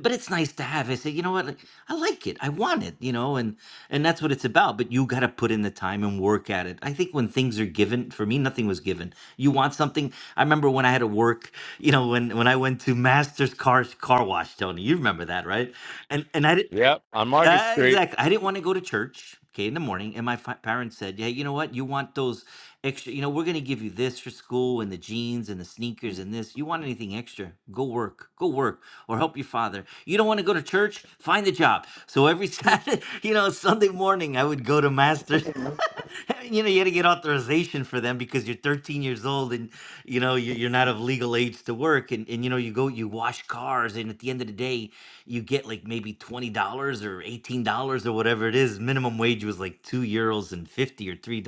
but it's nice to have i say you know what like, i like it i want it you know and and that's what it's about but you got to put in the time and work at it i think when things are given for me nothing was given you want something i remember when i had to work you know when when i went to master's car car wash tony you remember that right and and i did Yep. On Market uh, Street. exactly. I didn't want to go to church, okay, in the morning. And my fi- parents said, "Yeah, you know what? You want those extra, you know, we're going to give you this for school and the jeans and the sneakers and this. You want anything extra? Go work, go work or help your father. You don't want to go to church? Find a job. So every Saturday, you know, Sunday morning, I would go to Master. you know, you had to get authorization for them because you're 13 years old and, you know, you- you're not of legal age to work. And, and, you know, you go, you wash cars. And at the end of the day, you get like maybe $20 or $18 or whatever it is. Minimum wage was like two euros and 50 or $3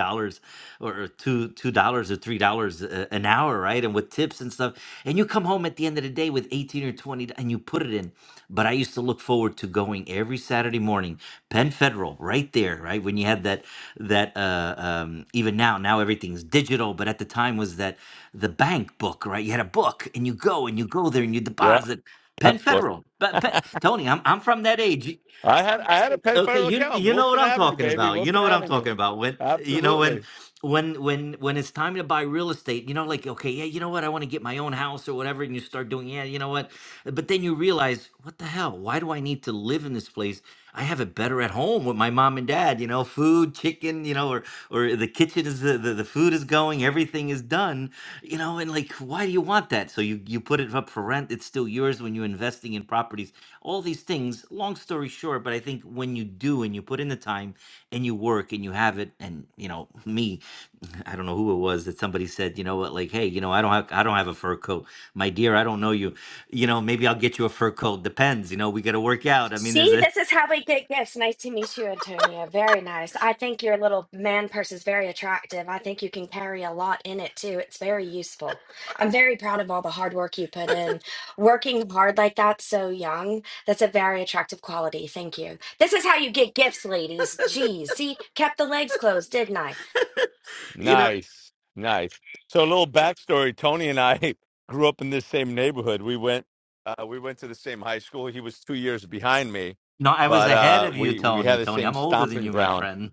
or or two, $2 or $3 a- an hour. Right. And with tips and stuff. And you come home at the end of the day with 18 or 20 and you put it in. But I used to look forward to going every Saturday morning, Penn Federal right there. Right. When you had that that uh, um, even now, now everything's digital, but at the time was that the bank book, right? You had a book and you go and you go there and you Yeah. deposit. Penn That's good. Federal, but Pe- Tony, I'm I'm from that age. You- I had I had a Okay, pedophile you account, you know what Wilson I'm Avenue, talking baby, about. You know Wilson what I'm Avenue. talking about. When you know Absolutely. when when when when it's time to buy real estate, you know, like okay, yeah, you know what, I want to get my own house or whatever, and you start doing, yeah, you know what, but then you realize, what the hell? Why do I need to live in this place? I have it better at home with my mom and dad, you know, food, chicken, you know, or or the kitchen is the, the, the food is going, everything is done, you know, and like why do you want that? So you you put it up for rent, it's still yours when you're investing in properties. All these things, long story short, but I think when you do and you put in the time and you work and you have it and you know, me, I don't know who it was that somebody said, you know what, like, hey, you know, I don't have I don't have a fur coat. My dear, I don't know you you know, maybe I'll get you a fur coat. Depends. You know, we got to work out. I mean, there's See, a, this is how we get gifts. Nice to meet you, Antonia. Very nice. I think your little man purse is very attractive. I think you can carry a lot in it too. It's very useful. I'm very proud of all the hard work you put in. Working hard like that so young, that's a very attractive quality. Thank you. This is how you get gifts, ladies. Geez, see, kept the legs closed, didn't I? you know, Nice, nice. So a little backstory: Tony and I grew up in this same neighborhood. We went, uh, we went to the same high school. He was two years behind me, no, I was but ahead uh, of you, we we had Tony. the Tony, same I'm older than stomping you, my ground. friend.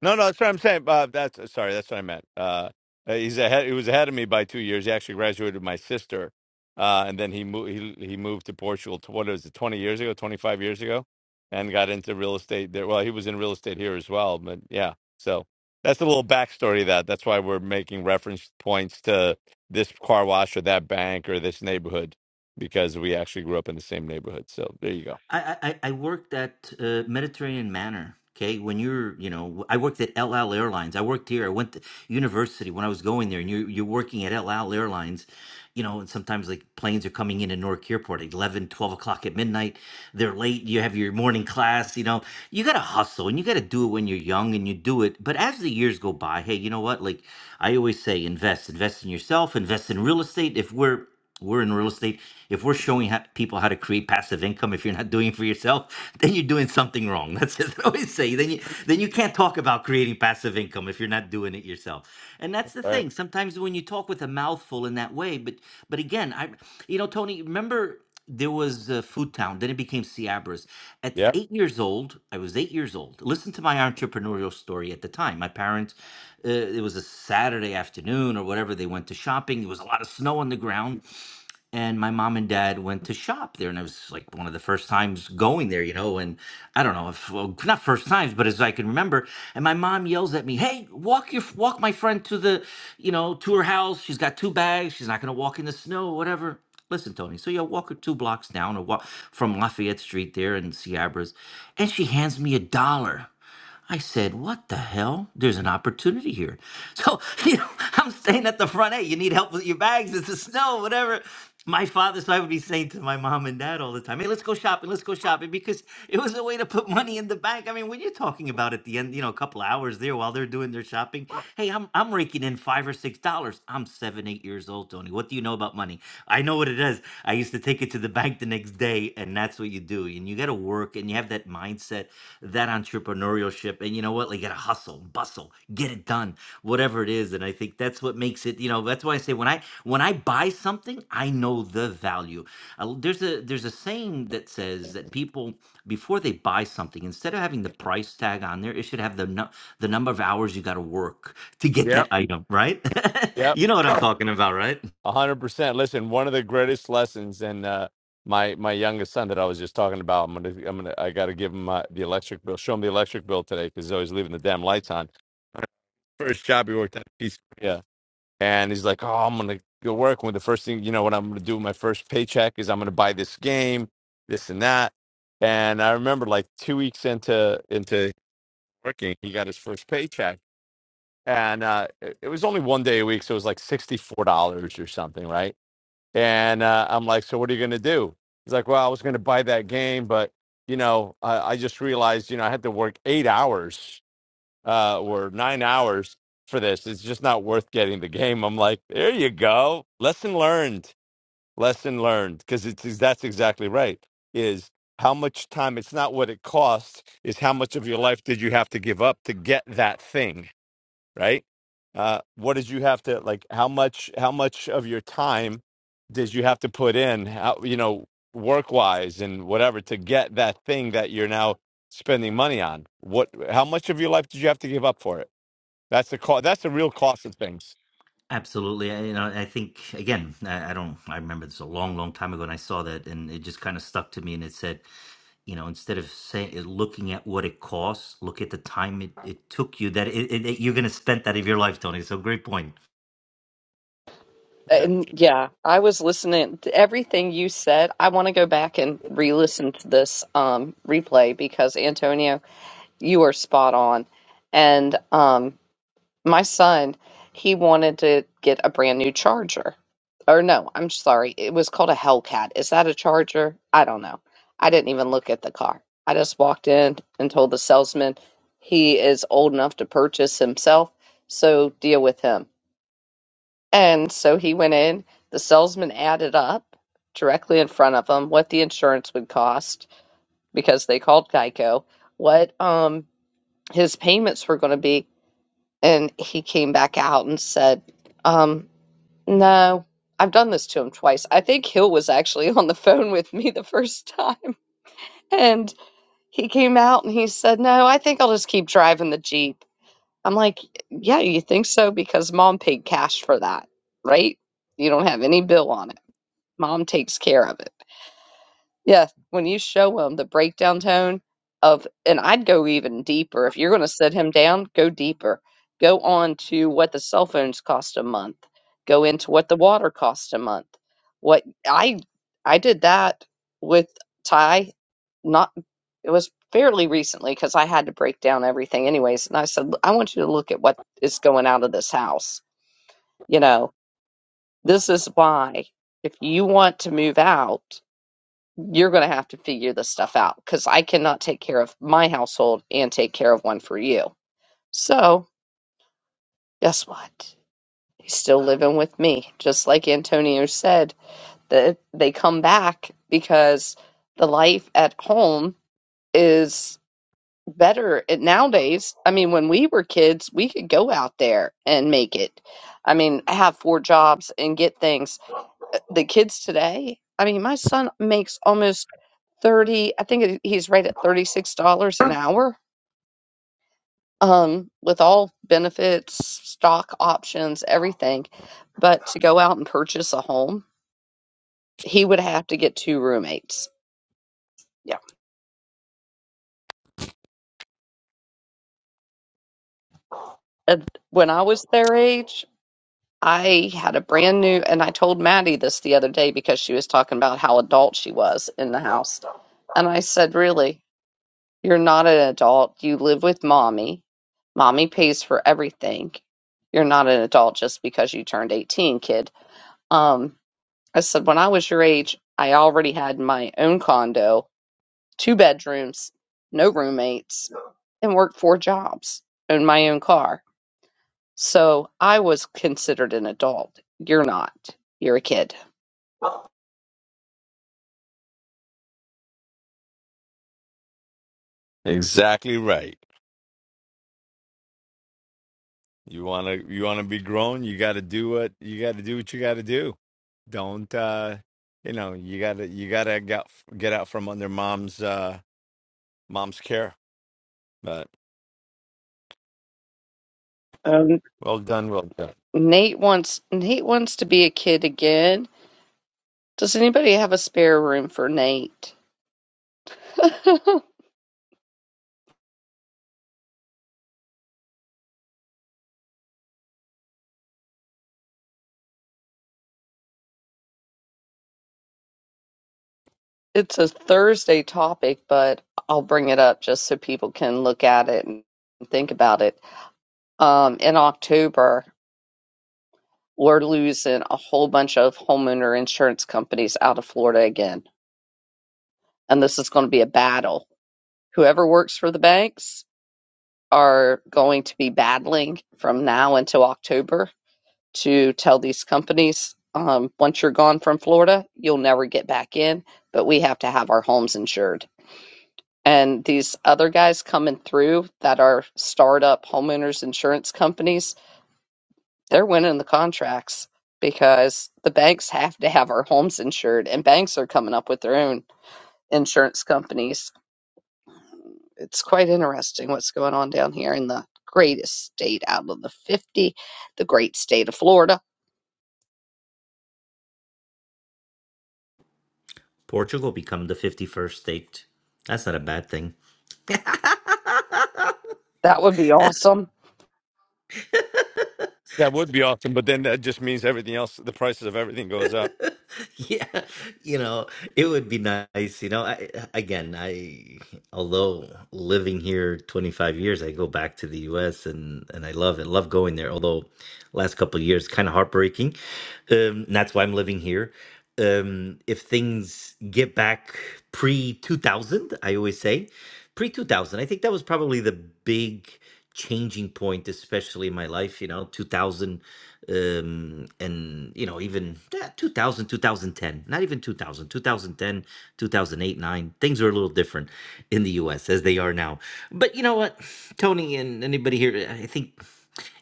No, no, that's what I'm saying. Uh, that's uh, sorry, that's what I meant. Uh, uh, he's ahead. He was ahead of me by two years. He actually graduated with my sister, uh, and then he moved. He, he moved to Portugal. To, what is it? Twenty years ago? Twenty five years ago? And got into real estate there. Well, he was in real estate here as well. But yeah, so that's a little backstory. Of that that's why we're making reference points to this car wash or that bank or this neighborhood because we actually grew up in the same neighborhood. So there you go. I I, I I worked at uh, Mediterranean Manor. Okay, when you're, you know, I worked at El Al Airlines. I worked here. I went to university when I was going there, and you're you're working at El Al Airlines. You know, and sometimes like planes are coming in at Newark Airport at 11, 12 o'clock at midnight. They're late. You have your morning class. You know, you gotta hustle and you gotta do it when you're young and you do it. But as the years go by, hey, you know what? Like I always say, invest, invest in yourself, invest in real estate. If we're we're in real estate, if we're showing how, people how to create passive income, if you're not doing it for yourself, then you're doing something wrong. That's just what I always say. Then you then you can't talk about creating passive income if you're not doing it yourself. And that's the All right. thing. Sometimes when you talk with a mouthful in that way, but but again, I you know, Tony, remember there was uh, Food Town. Then it became Ciabras. At Yep. eight years old, I was eight years old. Listen to my entrepreneurial story at the time. My parents, uh, it was a Saturday afternoon or whatever. They went to shopping. There was a lot of snow on the ground and my mom and dad went to shop there and it was like one of the first times going there you know and i don't know if well, not first times but as i can remember and my mom yells at me hey walk your walk my friend to the you know to her house she's got two bags she's not going to walk in the snow whatever listen tony so yeah walk her two blocks down or walk from lafayette street there in Sierras, and she hands me a dollar I said, what the hell? There's an opportunity here. So, you know, I'm staying at the front. Hey, you need help with your bags? It's the snow, whatever. My father, so I would be saying to my mom and dad all the time, hey, let's go shopping, let's go shopping, because it was a way to put money in the bank. I mean, when you're talking about at the end, you know, a couple hours there while they're doing their shopping, hey, I'm I'm raking in five or six dollars. I'm seven, eight years old, Tony. What do you know about money? I know what it is. I used to take it to the bank the next day, and that's what you do. And you gotta work and you have that mindset that entrepreneurship. And you know what? Like, you gotta hustle, bustle, get it done, whatever it is. And I think that's what makes it, you know, that's why I say when I when I buy something, I know the value. Uh, there's a there's a saying that says that people before they buy something, instead of having the price tag on there, it should have the nu- the number of hours you got to work to get that Yep. item, right? Yep. you know what I'm talking about, right? A hundred percent. Listen, one of the greatest lessons, and uh, my my youngest son that I was just talking about, I'm gonna I'm gonna I gotta give him uh, the electric bill, show him the electric bill today because he's always leaving the damn lights on. First job he worked at, he's yeah, and he's like, oh, I'm gonna go work. When the first thing you know, what I'm gonna do with my first paycheck is I'm gonna buy this game, this and that. And I remember like two weeks into into working, he got his first paycheck, and uh, it it was only one day a week, so it was like sixty four dollars or something, right? And uh, I'm like, so what are you going to do? He's like, well, I was going to buy that game, but you know, I, I just realized, you know, I had to work eight hours uh, or nine hours for this. It's just not worth getting the game. I'm like, there you go. Lesson learned. Lesson learned. Because it's that's exactly right. Is how much time? It's not what it costs. Is how much of your life did you have to give up to get that thing? right? Uh, what did you have to like? How much? How much of your time did you have to put in? How you know work wise and whatever to get that thing that you're now spending money on? What? How much of your life did you have to give up for it? That's the cost. That's the real cost of things. Absolutely. I, you know, I think again, I, I don't. I remember this a long, long time ago, and I saw that, and it just kind of stuck to me. And it said, you know, instead of saying looking at what it costs, look at the time it, it took you. That it, it, it- you're going to spend that of your life, Tony. So great point. Yeah, And yeah, I was listening to everything you said. I want to go back and re-listen to this um, replay because Antonio, you are spot on. And um, my son, he wanted to get a brand new charger. Or no, I'm sorry. It was called a Hellcat. Is that a charger? I don't know. I didn't even look at the car. I just walked in and told the salesman he is old enough to purchase himself, so deal with him. And so he went in. The salesman added up directly in front of him what the insurance would cost because they called Geico, what um his payments were going to be, and he came back out and said, um, "No, I've done this to him twice. I think Hill was actually on the phone with me the first time, and he came out and he said, "No, I think I'll just keep driving the Jeep." I'm like, "Yeah, you think so because mom paid cash for that, right? You don't have any bill on it." mom takes care of it. Yeah, when you show him the breakdown tone of, and I'd go even deeper. If you're going to sit him down, go deeper. Go on to what the cell phones cost a month. Go into what the water costs a month. What I I did that with Ty. Not it was fairly recently because I had to break down everything anyways. And I said, "Look, I want you to look at what is going out of this house. You know, this is why if you want to move out you're going to have to figure this stuff out because I cannot take care of my household and take care of one for you. So, guess what? He's still living with me. Just like Antonio said, that they come back because the life at home is better It- nowadays. I mean, when we were kids, we could go out there and make it. I mean, have four jobs and get things. Uh, The kids today, I mean, my son makes almost 30 i think it- he's right at $36 an hour um, with all benefits stock options everything but to go out and purchase a home he would have to get two roommates yeah and when i was their age i had a brand new and i told maddie this the other day because she was talking about how adult she was in the house and i said really You're not an adult. You live with mommy. Mommy pays for everything. You're not an adult just because you turned 18, kid. Um, I said, when I was your age, I already had my own condo, two bedrooms, no roommates, and worked four jobs, owned my own car. So I was considered an adult. You're not. You're a kid. exactly right. You wanna you wanna be grown. You got to do what you got to do. What you got to do. Don't uh, you know? You gotta you gotta get get out from under mom's uh mom's care. But Um, well done, well done. Nate wants Nate wants to be a kid again. Does anybody have a spare room for Nate? It's a Thursday topic, but I'll bring it up just so people can look at it and think about it. Um, in October, we're losing a whole bunch of homeowner insurance companies out of Florida again. And this is going to be a battle. Whoever works for the banks are going to be battling from now until October to tell these companies, um, once you're gone from Florida, you'll never get back in, but we have to have our homes insured And these other guys coming through that are startup homeowners insurance companies, they're winning the contracts because the banks have to have our homes insured, and banks are coming up with their own insurance companies. It's quite interesting what's going on down here in the greatest state out of the 50, the great state of Florida. Portugal become the 51st state. That's not a bad thing. That would be awesome. That would be awesome, but then that just means everything else, the prices of everything goes up. Yeah, you know, it would be nice, you know. I again, I although living here 25 years, I go back to the US and and I love it. Love going there. Although last couple of years kind of heartbreaking. Um, that's why I'm living here. Um, if things get back pre 2000, I always say pre 2000, I think that was probably the big changing point, especially in my life, you know, 2000, um, and you know, even yeah, 2000, 2010, not even 2000, 2010, 2008, 9, things were a little different in the US as they are now. But you know what, Tony and anybody here, I think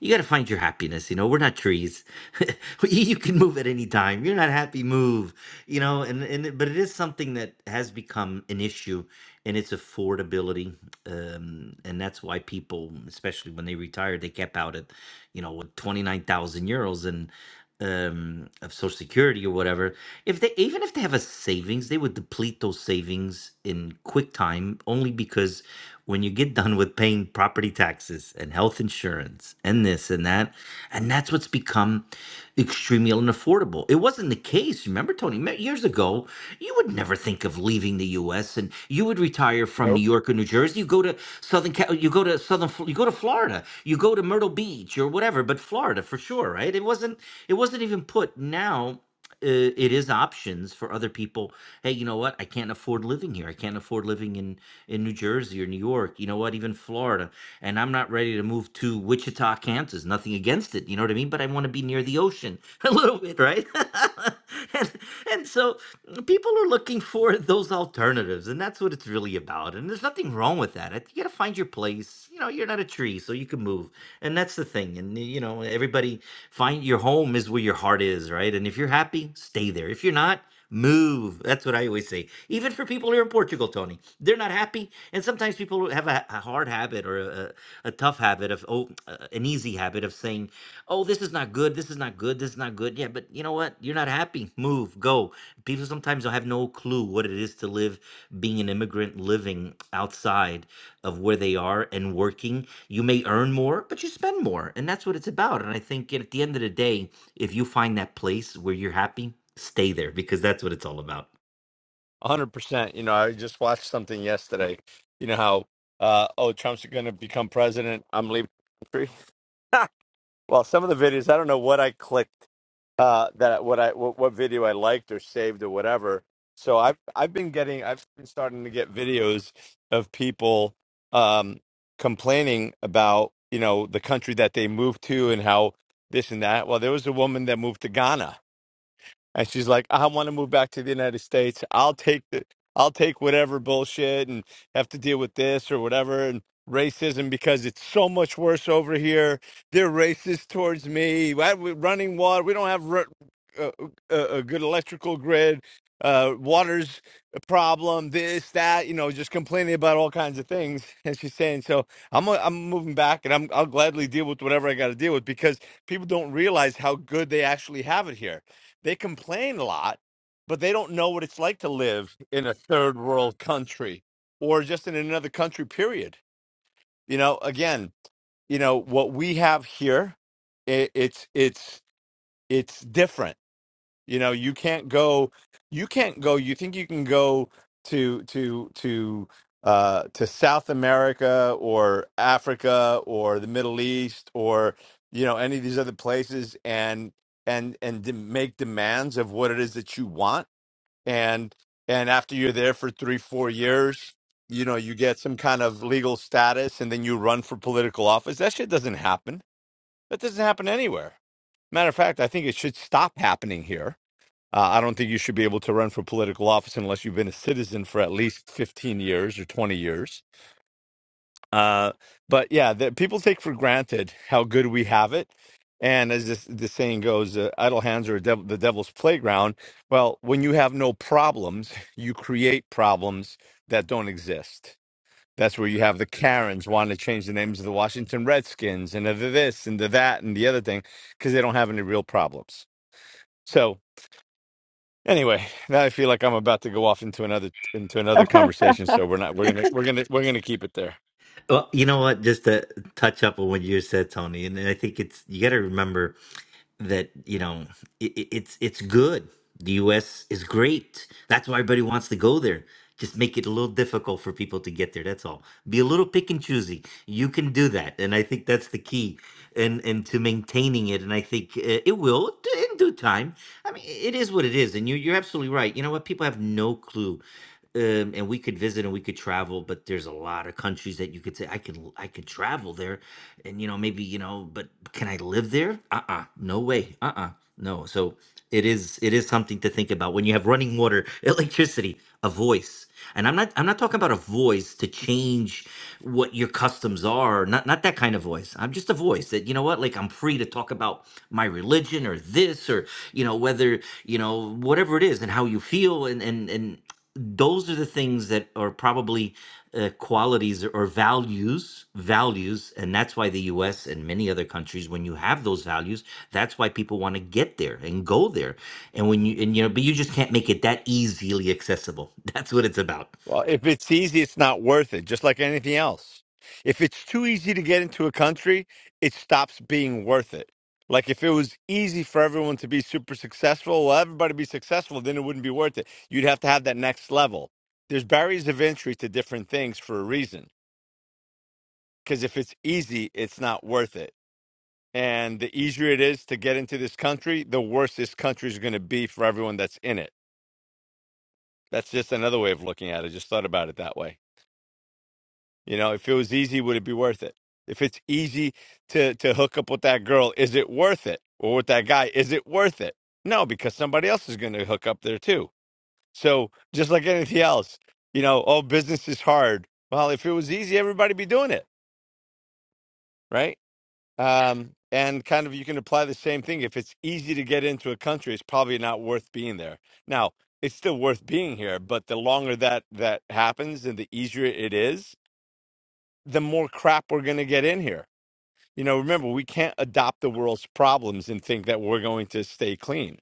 you got to find your happiness. You know, we're not trees. you can move at any time. You're not happy, move. You know, and and it- but it is something that has become an issue, and it's affordability, um, and that's why people, especially when they retired, they kept out at, you know, with twenty nine thousand euros and um of social security or whatever if they even if they have a savings they would deplete those savings in quick time only because when you get done with paying property taxes and health insurance and this and that and that's what's become extremely unaffordable. It wasn't the case. Remember, Tony, ma- years ago, you would never think of leaving the U.S. and you would retire from New Nope. York or New Jersey. You go to Southern, Cal- you go to Southern, Fl- you go to Florida, you go to Myrtle Beach or whatever, but Florida for sure, right? It wasn't, it wasn't even put. Now uh, it is options for other people. Hey, you know what? I can't afford living here. I can't afford living in in New Jersey or New York, you know what, even Florida. And I'm not ready to move to Wichita, Kansas. Nothing against it, you know what I mean? But I want to be near the ocean a little bit, right? and, and so people are looking for those alternatives, and that's what it's really about. And there's nothing wrong with that. I think You got to find your place. You know, you're not a tree, so you can move. And that's the thing. And, you know, everybody find your home is where your heart is, right? And if you're happy, stay there. If you're not, Move. That's what I always say. Even for people here in Portugal, Tony, they're not happy. And sometimes people have a, a hard habit or a, a tough habit of, oh, uh, an easy habit of saying, oh, this is not good. This is not good. This is not good. Yeah, but you know what? You're not happy. Move. Go. People sometimes don't have no clue what it is to live being an immigrant living outside of where they are and working. You may earn more, but you spend more. And that's what it's about. And I think at the end of the day, if you find that place where you're happy, stay there because that's what it's all about. 100%. You know, I just watched something yesterday. You know how, uh, oh, Trump's going to become president. I'm leaving the country. Well, some of the videos, I don't know what I clicked, uh, that what I what, what video I liked or saved or whatever. So I've I've been getting I've been starting to get videos of people um, complaining about you know the country that they moved to and how this and that. Well, there was a woman that moved to Ghana and she's like, "I want to move back to the United States. I'll take the, I'll take whatever bullshit and have to deal with this or whatever and racism because it's so much worse over here. They're racist towards me. Why we running water? We don't have ru- a, a, a good electrical grid. Uh, water's a problem. This, that, you know, just complaining about all kinds of things. And she's saying, so I'm, i am i am moving back, and I'm, I'll gladly deal with whatever I got to deal with because people don't realize how good they actually have it here they complain a lot, but they don't know what it's like to live in a third world country or just in another country, period. You know, again, you know, what we have here, i it's, it's, it's different you know, you can't go. You can't go. You think you can go to to to uh, to South America or Africa or the Middle East or you know any of these other places and and and de- make demands of what it is that you want and and after you're there for three four years you know you get some kind of legal status and then you run for political office that shit doesn't happen that doesn't happen anywhere matter of fact i think it should stop happening here uh, I don't think you should be able to run for political office unless you've been a citizen for at least 15 years or 20 years. Uh, but yeah, the, people take for granted how good we have it. And as this, the saying goes, uh, idle hands are a dev- the devil's playground. Well, when you have no problems, you create problems that don't exist. That's where you have the Karens wanting to change the names of the Washington Redskins and of the this and the that and the other thing because they don't have any real problems. So. Anyway, now I feel like I'm about to go off into another into another conversation, so we're not we're gonna we're gonna we're gonna keep it there. Well, you know what? Just to touch up on what you said, Tony, and I think it's you got to remember that you know it, it- it's it's good. The U.S. is great. That's why everybody wants to go there. Just make it a little difficult for people to get there. That's all. Be a little pick and choosy. You can do that, and I think that's the key, and and to maintaining it. And I think uh, it will d- in due time. I mean, it is what it is, and you you're absolutely right. You know what? People have no clue um, and we could visit and we could travel but there's a lot of countries that you could say i could l- i could travel there and you know maybe you know but can i live there uh-uh no way uh-uh no so it is it is something to think about when you have running water electricity a voice and i'm not i'm not talking about a voice to change what your customs are not not that kind of voice i'm just a voice that you know what like i'm free to talk about my religion or this or you know whether you know whatever it is and how you feel and and and those are the things that are probably uh, qualities or values values and that's why the US and many other countries when you have those values that's why people want to get there and go there and when you and you know but you just can't make it that easily accessible that's what it's about Well, if it's easy, it's not worth it, just like anything else. If it's too easy to get into a country, it stops being worth it. Like if it was easy for everyone to be super successful, well, everybody be successful, then it wouldn't be worth it. You'd have to have that next level. There's barriers of entry to different things for a reason. Because if it's easy, it's not worth it And the easier it is to get into this country, the worse this country is going to be for everyone that's in it. That's just another way of looking at it. I just thought about it that way. You know, if it was easy, would it be worth it? If it's easy to to hook up with that girl, is it worth it? Or with that guy, is it worth it? No, because somebody else is going to hook up there too. So just like anything else, you know, oh, business is hard. Well, if it was easy, everybody be doing it, right? Um, and kind of you can apply the same thing. If it's easy to get into a country, it's probably not worth being there. Now, it's still worth being here, but the longer that that happens and the easier it is, the more crap we're going to get in here. You know, remember, we can't adopt the world's problems and think that we're going to stay clean,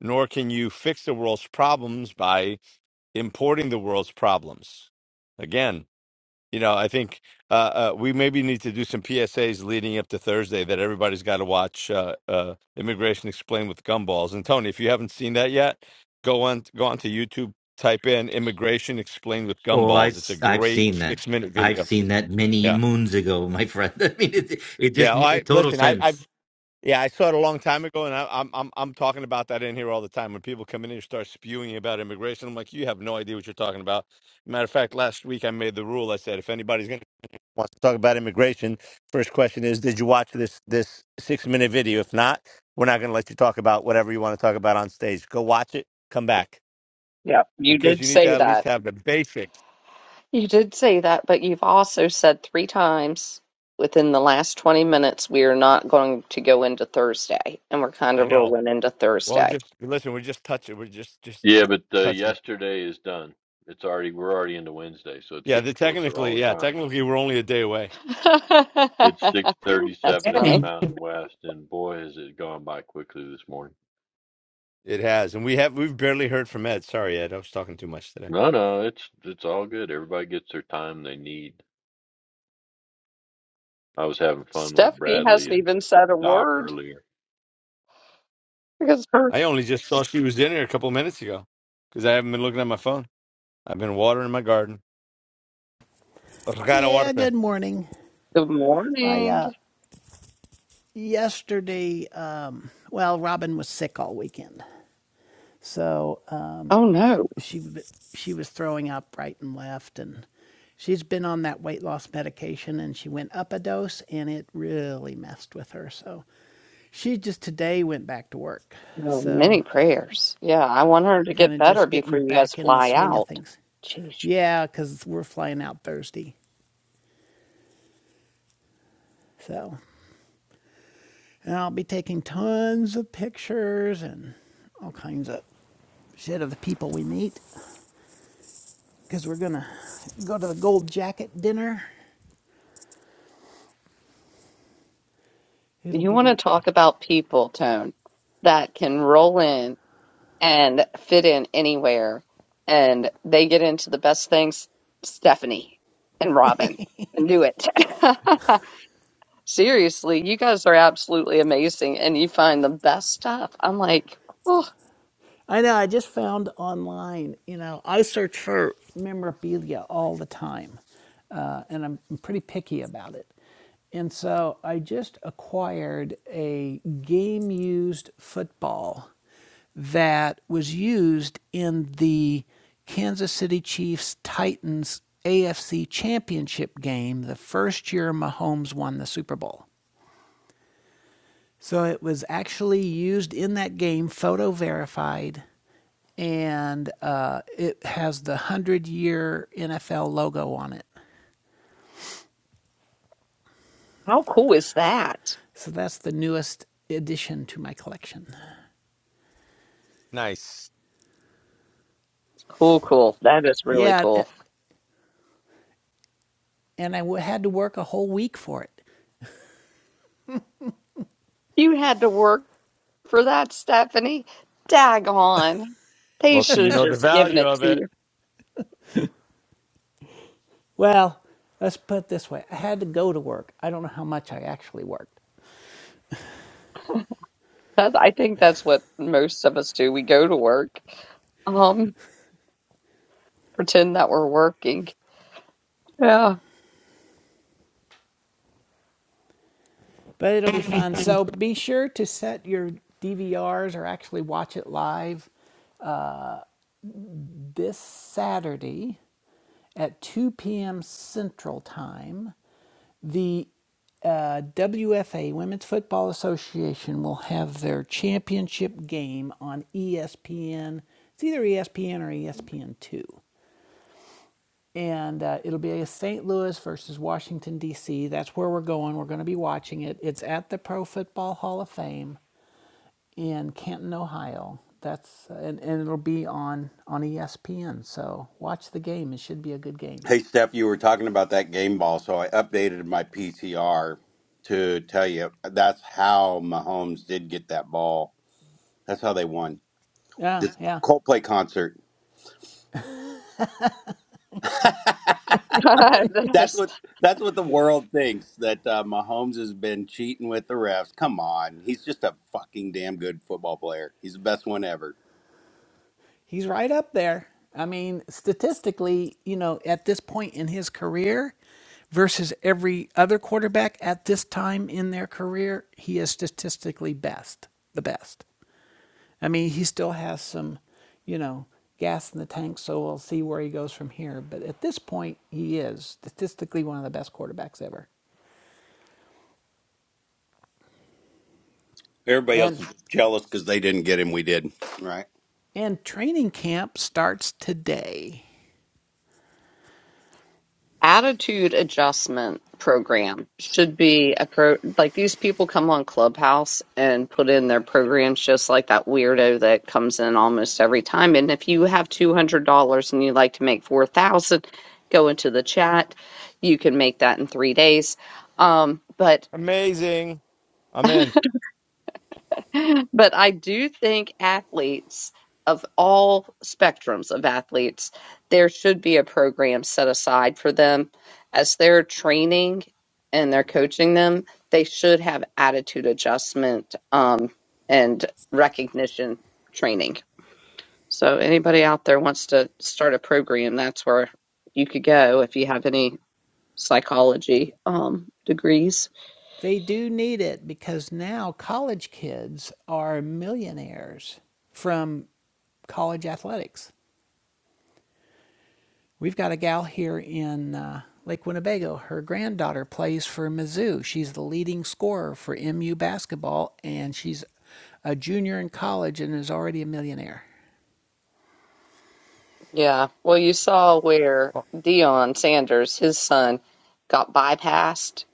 nor can you fix the world's problems by importing the world's problems. Again, you know, I think uh, uh, we maybe need to do some PSAs leading up to Thursday that everybody's got to watch uh, uh, Immigration Explained with Gumballs. And Tony, if you haven't seen that yet, go on go on to YouTube, type in Immigration Explained with oh i've Gumballs. It's s- a i've great seen that six minute i've video. seen that many Yeah, moons ago my friend i mean it it just yeah. it I total listen. I, I've sense yeah, I saw it a long time ago, and I, I'm I'm I'm talking about that in here all the time. When people come in and start spewing about immigration, I'm like, you have no idea what you're talking about. Matter of fact, last week I made the rule. I said, if anybody's going to wants to talk about immigration, first question is, did you watch this this six minute video? If not, we're not going to let you talk about whatever you want to talk about on stage. Go watch it, come back Yeah, you because did you need to say at that. least have the basics. You did say that, but you've also said three times within the last 20 minutes we are not going to go into Thursday, and we're kind I of know. rolling into Well, we Thursday. just listen. We're just touching. We're just just Yeah, just but uh, touching. yesterday is done. It's already we're already into Wednesday, so it's Yeah, getting the, closer all technically, the yeah, time. technically, we're only a day away. It's six That's thirty-seven in the Yeah. funny. Mountain West, and boy, has it gone by quickly this morning. It has, and we have we've barely heard from Ed. Sorry, Ed, I was talking too much today. No, no, it's it's all good. Everybody gets their time they need. I was having fun with Stephanie Bradley hasn't and even said a Doc word earlier. because her I only just saw she was in here a couple minutes ago because I haven't been looking at my phone. I've been watering my garden. Regada water. Yeah, good morning. good I uh morning. yesterday um well, Robin was sick all weekend. So, um Oh no, she w- she was throwing up right and left and she's been on that weight loss medication and she went up a dose and it really messed with her. So, she just today went back to work. no, many So, prayers. Yeah, I want her to kind get of better just getting before you guys back in the fly swing of out. things. Jeez. Yeah, cuz we're flying out Thursday. So, And I'll be taking tons of pictures and all kinds of shit of the people we meet because we're going to go to the gold jacket dinner. It'll You want to be talk about people, Tone, that can roll in. and fit in anywhere. And they get into the best things, Stephanie and Robin. and Do it. Seriously, you guys are absolutely amazing and you find the best stuff. I'm like, oh, I know. I just found online. You know, I search for memorabilia all the time, uh, and I'm pretty picky about it. And so I just acquired a game used football that was used in the Kansas City Chiefs Titans AFC Championship game the first year Mahomes won the Super Bowl. So it was actually used in that game, photo verified, and uh, it has the 100 year NFL logo on it. how cool is that? So that's the newest addition to my collection. Nice. Cool, cool. That is really Yeah, cool. and I had to work a whole week for it. You had to work for that, Stephanie. Daggone. They Well, so should you have know the just given value it of to it. you. Well, let's put it this way I had to go to work. I don't know how much I actually worked, That, I think that's what most of us do. We go to work, um, pretend that we're working Yeah. but it'll be fun. So be sure to set your DVRs or actually watch it live this Saturday at 2 p.m. Central Time, the uh, WFA, Women's Football Association, will have their championship game on ESPN. It's either ESPN or ESPN2. And uh, it'll be a St. Louis versus Washington, D.C. That's where we're going. We're going to be watching it. It's at the Pro Football Hall of Fame in Canton, Ohio. That's and, and it'll be on on ESPN. So watch the game. It should be a good game. Hey, Steph, you were talking about that game ball, so I updated my PCR to tell you that's how Mahomes did get that ball. That's how they won Yeah, this yeah. Coldplay concert. that's This what that's what the world thinks that uh, Mahomes has been cheating with the refs. Come on, he's just a fucking damn good football player. He's the best one ever. He's right up there. I mean, statistically, you know, at this point in his career versus every other quarterback at this time in their career, he is statistically best, the best. I mean, he still has some, you know, gas in the tank, so we'll see where he goes from here. But at this point, he is statistically one of the best quarterbacks ever. Everybody else And is jealous because they didn't get him. We did, right? and training camp starts today. Attitude adjustment program should be a pro like these people come on Clubhouse and put in their programs just like that weirdo that comes in almost every time. And if you have $200 and you'd like to make 4000 go into the chat. You can make that in three days. Um, but Amazing. I'm in. But I do think athletes of all spectrums of athletes, there should be a program set aside for them as they're training and they're coaching them. They should have attitude adjustment um, and recognition training. So anybody out there wants to start a program, that's where you could go if you have any psychology um, degrees. They do need it because now college kids are millionaires from college athletics. We've got a gal here in uh, Lake Winnebago. Her granddaughter plays for Mizzou. She's the leading scorer for MU basketball, and she's a junior in college and is already a millionaire. Yeah. Well, you saw where Dion Sanders, his son, got bypassed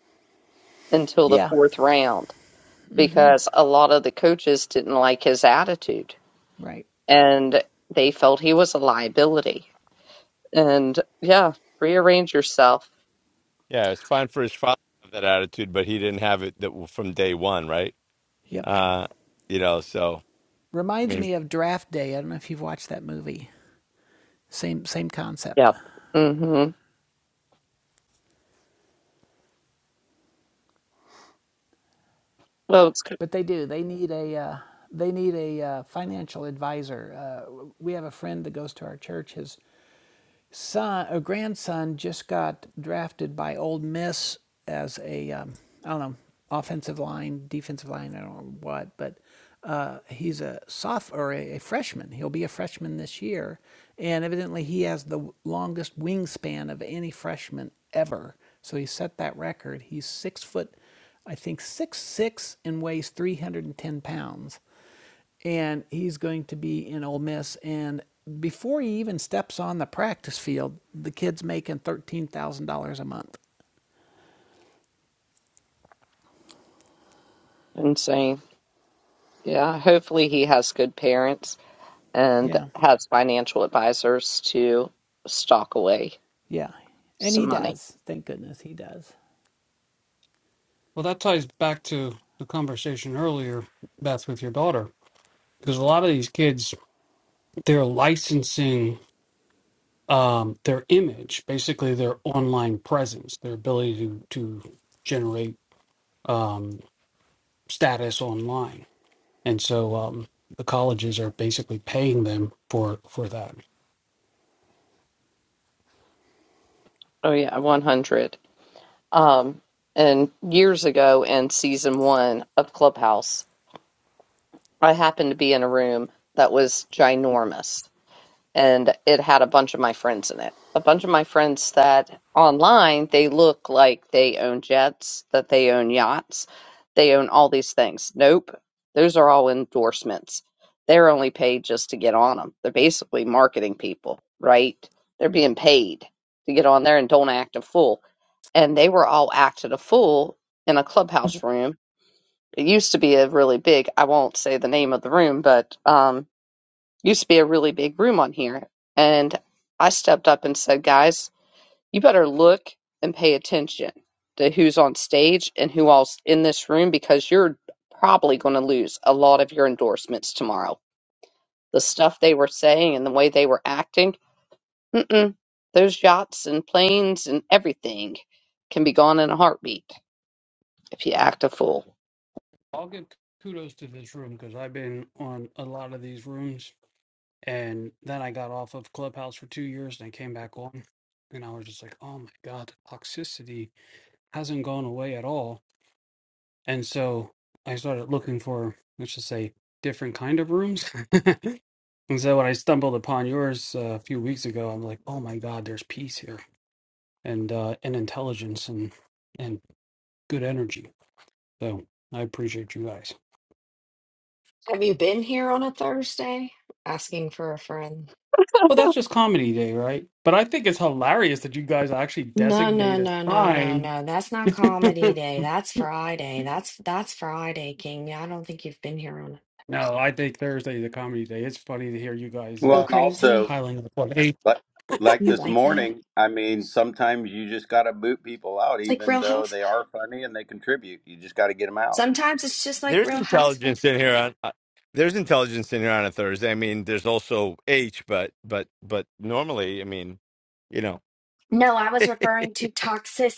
until the Yeah, fourth round because a lot of the coaches didn't like his attitude right. and they felt he was a liability. and yeah, rearrange yourself. Yeah, it's fine for his father to have that attitude, but he didn't have it that from day one, right? Yep. Uh, you know, so I Reminds mean, me of Draft Day. I don't know if you've watched that movie. Same same concept. Yep. hmm Well, it's kind but they do. They need a uh, they need a uh, financial advisor. Uh, we have a friend that goes to our church. His son, a grandson, just got drafted by Ole Miss as a um, I don't know offensive line, defensive line, I don't know what, but uh, he's a soft or a, a freshman. He'll be a freshman this year, and evidently he has the longest wingspan of any freshman ever. So he set that record. He's six foot, I think six six, and weighs three hundred and ten pounds and he's going to be in Ole Miss. And before he even steps on the practice field, the kid's making thirteen thousand dollars a month. of insane. Yeah. Hopefully, he has good parents and Yeah. has financial advisors to stock away Yeah, and some he money. does. Thank goodness he does. Well, that ties back to the conversation earlier, Beth, with your daughter, because a lot of these kids, they're licensing um, their image, basically their online presence, their ability to to generate um, status online, and so um, the colleges are basically paying them for for that. Oh yeah, one hundred. Um, and years ago in season one of Clubhouse, I happened to be in a room that was ginormous, and it had a bunch of my friends in it. A bunch of my friends that online they look like they own jets, that they own yachts, they own all these things. Nope, those are all endorsements. They're only paid just to get on them. They're basically marketing people, right? They're being paid to get on there and don't act a fool. And they were all acted a fool in a clubhouse room. It used to be a really big, I won't say the name of the room, but um, used to be a really big room on here. And I stepped up and said, guys, you better look and pay attention to who's on stage and who all's in this room because you're probably going to lose a lot of your endorsements tomorrow. The stuff they were saying and the way they were acting, mm-mm, those yachts and planes and everything can be gone in a heartbeat if you act a fool. I'll give kudos to this room because I've been on a lot of these rooms And then I got off of Clubhouse for two years and I came back on. And I was just like, oh my God, the toxicity hasn't gone away at all. And so I started looking for, let's just say, different kind of rooms. and so when I stumbled upon yours uh, a few weeks ago, I'm like, oh my God, there's peace here and uh, and intelligence and and good energy. So I appreciate you guys. Have you been here on a Thursday? Asking for a friend. Well, that's just comedy day, right? But I think it's hilarious that you guys actually No, no, designate a no, no, no, time no. That's not comedy day. That's Friday. That's that's Friday, King. I don't think you've been here on No, I think Thursday's a comedy day. It's funny to hear you guys Well, Go uh and Crazy. also piling up on A like like You this like that? morning, I mean, sometimes you just got to boot people out, It's like even Real though Housewives. they are funny and they contribute. You just got to get them out. Sometimes it's just like There's Real Housewives. intelligence in here on. uh, There's intelligence in here on a Thursday. I mean, there's also H, but but but normally, I mean, you know. No, I was referring to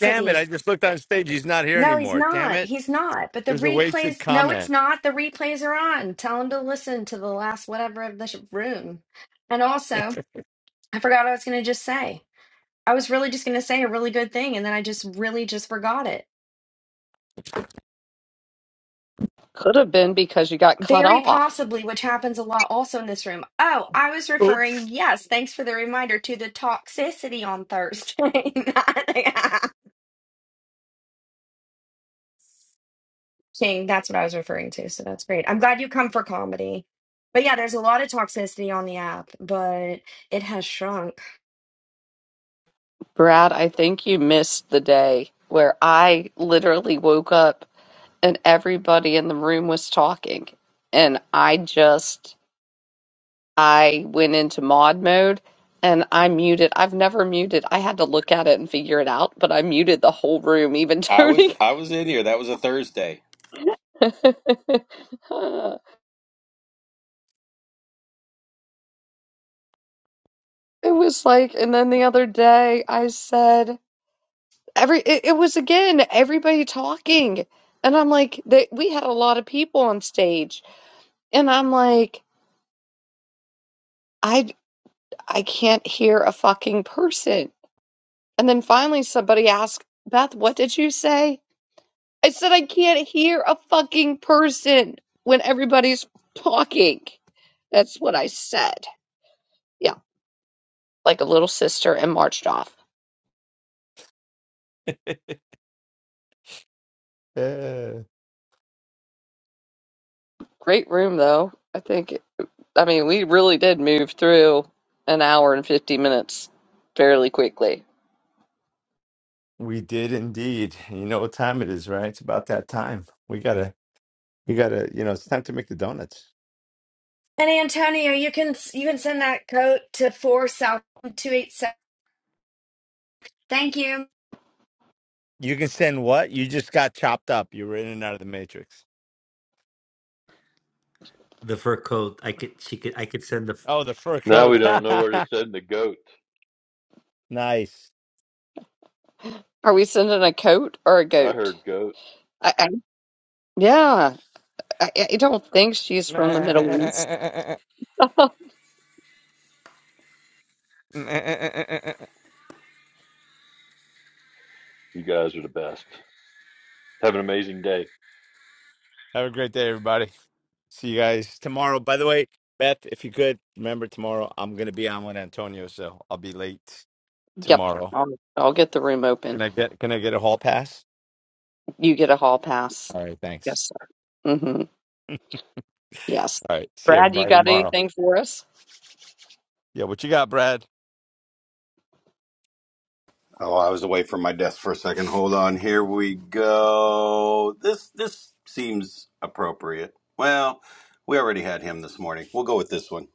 Damn it! I just looked on stage. He's not here No, he's anymore. Damn not. it! He's not. But It the was a wasted replays, no, it's comment. not. The replays are on. Tell him to listen to the last whatever of the sh- room. And also, I forgot what I was going to just say. I was really just going to say a really good thing, and then I just really just forgot it. Could have been because you got cut Very off. possibly, which happens a lot also in this room. Oh, I was Oops. referring, yes, thanks for the reminder, to the toxicity on Thursday. night. King, that's what I was referring to. So that's great. I'm glad you come for comedy. But yeah, there's a lot of toxicity on the app, but it has shrunk. Brad, I think you missed the day where I literally woke up and everybody in the room was talking. And I just, I went into mod mode and I muted. I've never muted. I had to look at it and figure it out, but I muted the whole room, even I was Tony. I was in here. That was a Thursday. it was like, and then the other day I said, every, it, it was again, everybody talking. And I'm like, they, we had a lot of people on stage. And I'm like, I I can't hear a fucking person. And then finally somebody asked, Beth, what did you say? I said I can't hear a fucking person when everybody's talking. That's what I said. Yeah, like a little sister and marched off. Uh, Great room though. I think it- I mean we really did move through an hour and 50 minutes fairly quickly. we did indeed. You know what time it is, right? It's about that time. We gotta. We gotta. You know, it's time to make the donuts. And Antonio, you can you can send that code to four south two eight seven. Thank you. You can send what? You just got chopped up. You were in and out of the matrix. the fur coat i could she could i could send the Oh, the fur Now coat. we don't know where to send the goat. nice. Are we sending a coat or a I goat? heard goat. I, I, yeah, I, I don't think she's from the Middle East. Have You guys are the best. Have an amazing day. a great day, everybody. See you guys tomorrow. By the way, Beth, if you could remember tomorrow, I'm gonna be on with Antonio, so I'll be late Yep. tomorrow. I'll, I'll get the room open. Can I get Can I get a hall pass? You get a hall pass. All right, thanks. Yes, sir. hmm Yes. All right, see Brad, you everybody got tomorrow. anything for us? Yeah, what you got, Brad? Oh, I was away from my desk for a second. Hold on. Here we go. This this seems appropriate. Well, we already had him this morning. We'll go with this one.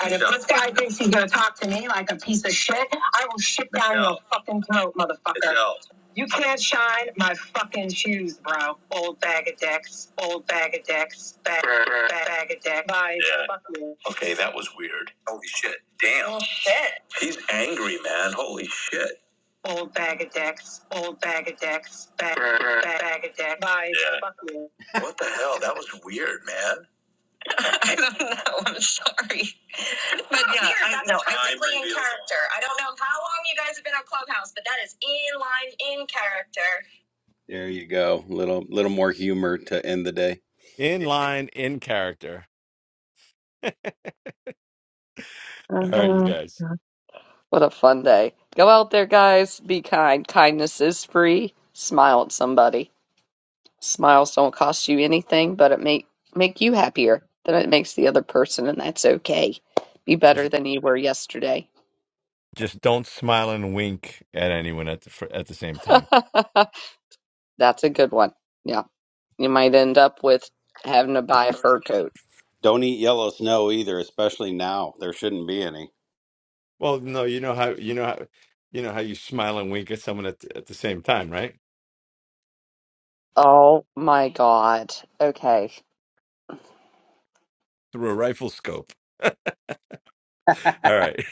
And if yeah. this guy thinks he's gonna talk to me like a piece of shit, I will shit down yeah. your fucking throat, motherfucker. Yeah. You can't shine my fucking shoes, bro. Old bag of dicks, old bag of dicks, bag, bag, bag of dicks. Bye. Yeah. Fuck you. Okay, that was weird. Holy shit. Damn. Holy shit. He's angry, man. Holy shit. Old bag of dicks, old bag of dicks, bag, bag, bag of dicks. Bye. Yeah. Fuck you. What the hell? That was weird, man. I don't know. I'm sorry. But oh, yeah, weird. I, That's no, perfectly in character. I don't know how long you guys have been on Clubhouse, but that is in line, in character. There you go. Little little more humor to end the day. In line, in character. All right, you Uh, guys. what a fun day. Go out there, guys. Be kind. Kindness is free. Smile at somebody. Smiles don't cost you anything, but it make make you happier than it makes the other person, and that's okay. Be better Just than you were yesterday. Just don't smile and wink at anyone at the fr- at the same time. that's a good one. Yeah. You might end up with having to buy a fur coat. Don't eat yellow snow either, especially now. There shouldn't be any. Well, no, you know how you know how you know how you smile and wink at someone at the, at the same time, right? Oh my God. Okay. Through a rifle scope. All right.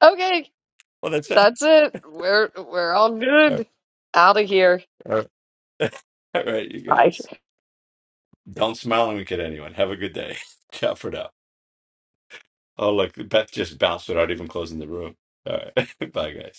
Okay. Well, that's it. That's it. We're we're all All good. right. Out of here. All right. All right, you Bye. guys. Don't smile and wink at anyone. Have a good day. Ciao for now. Oh, look, Beth just bounced without even closing the room. All right. Bye, guys.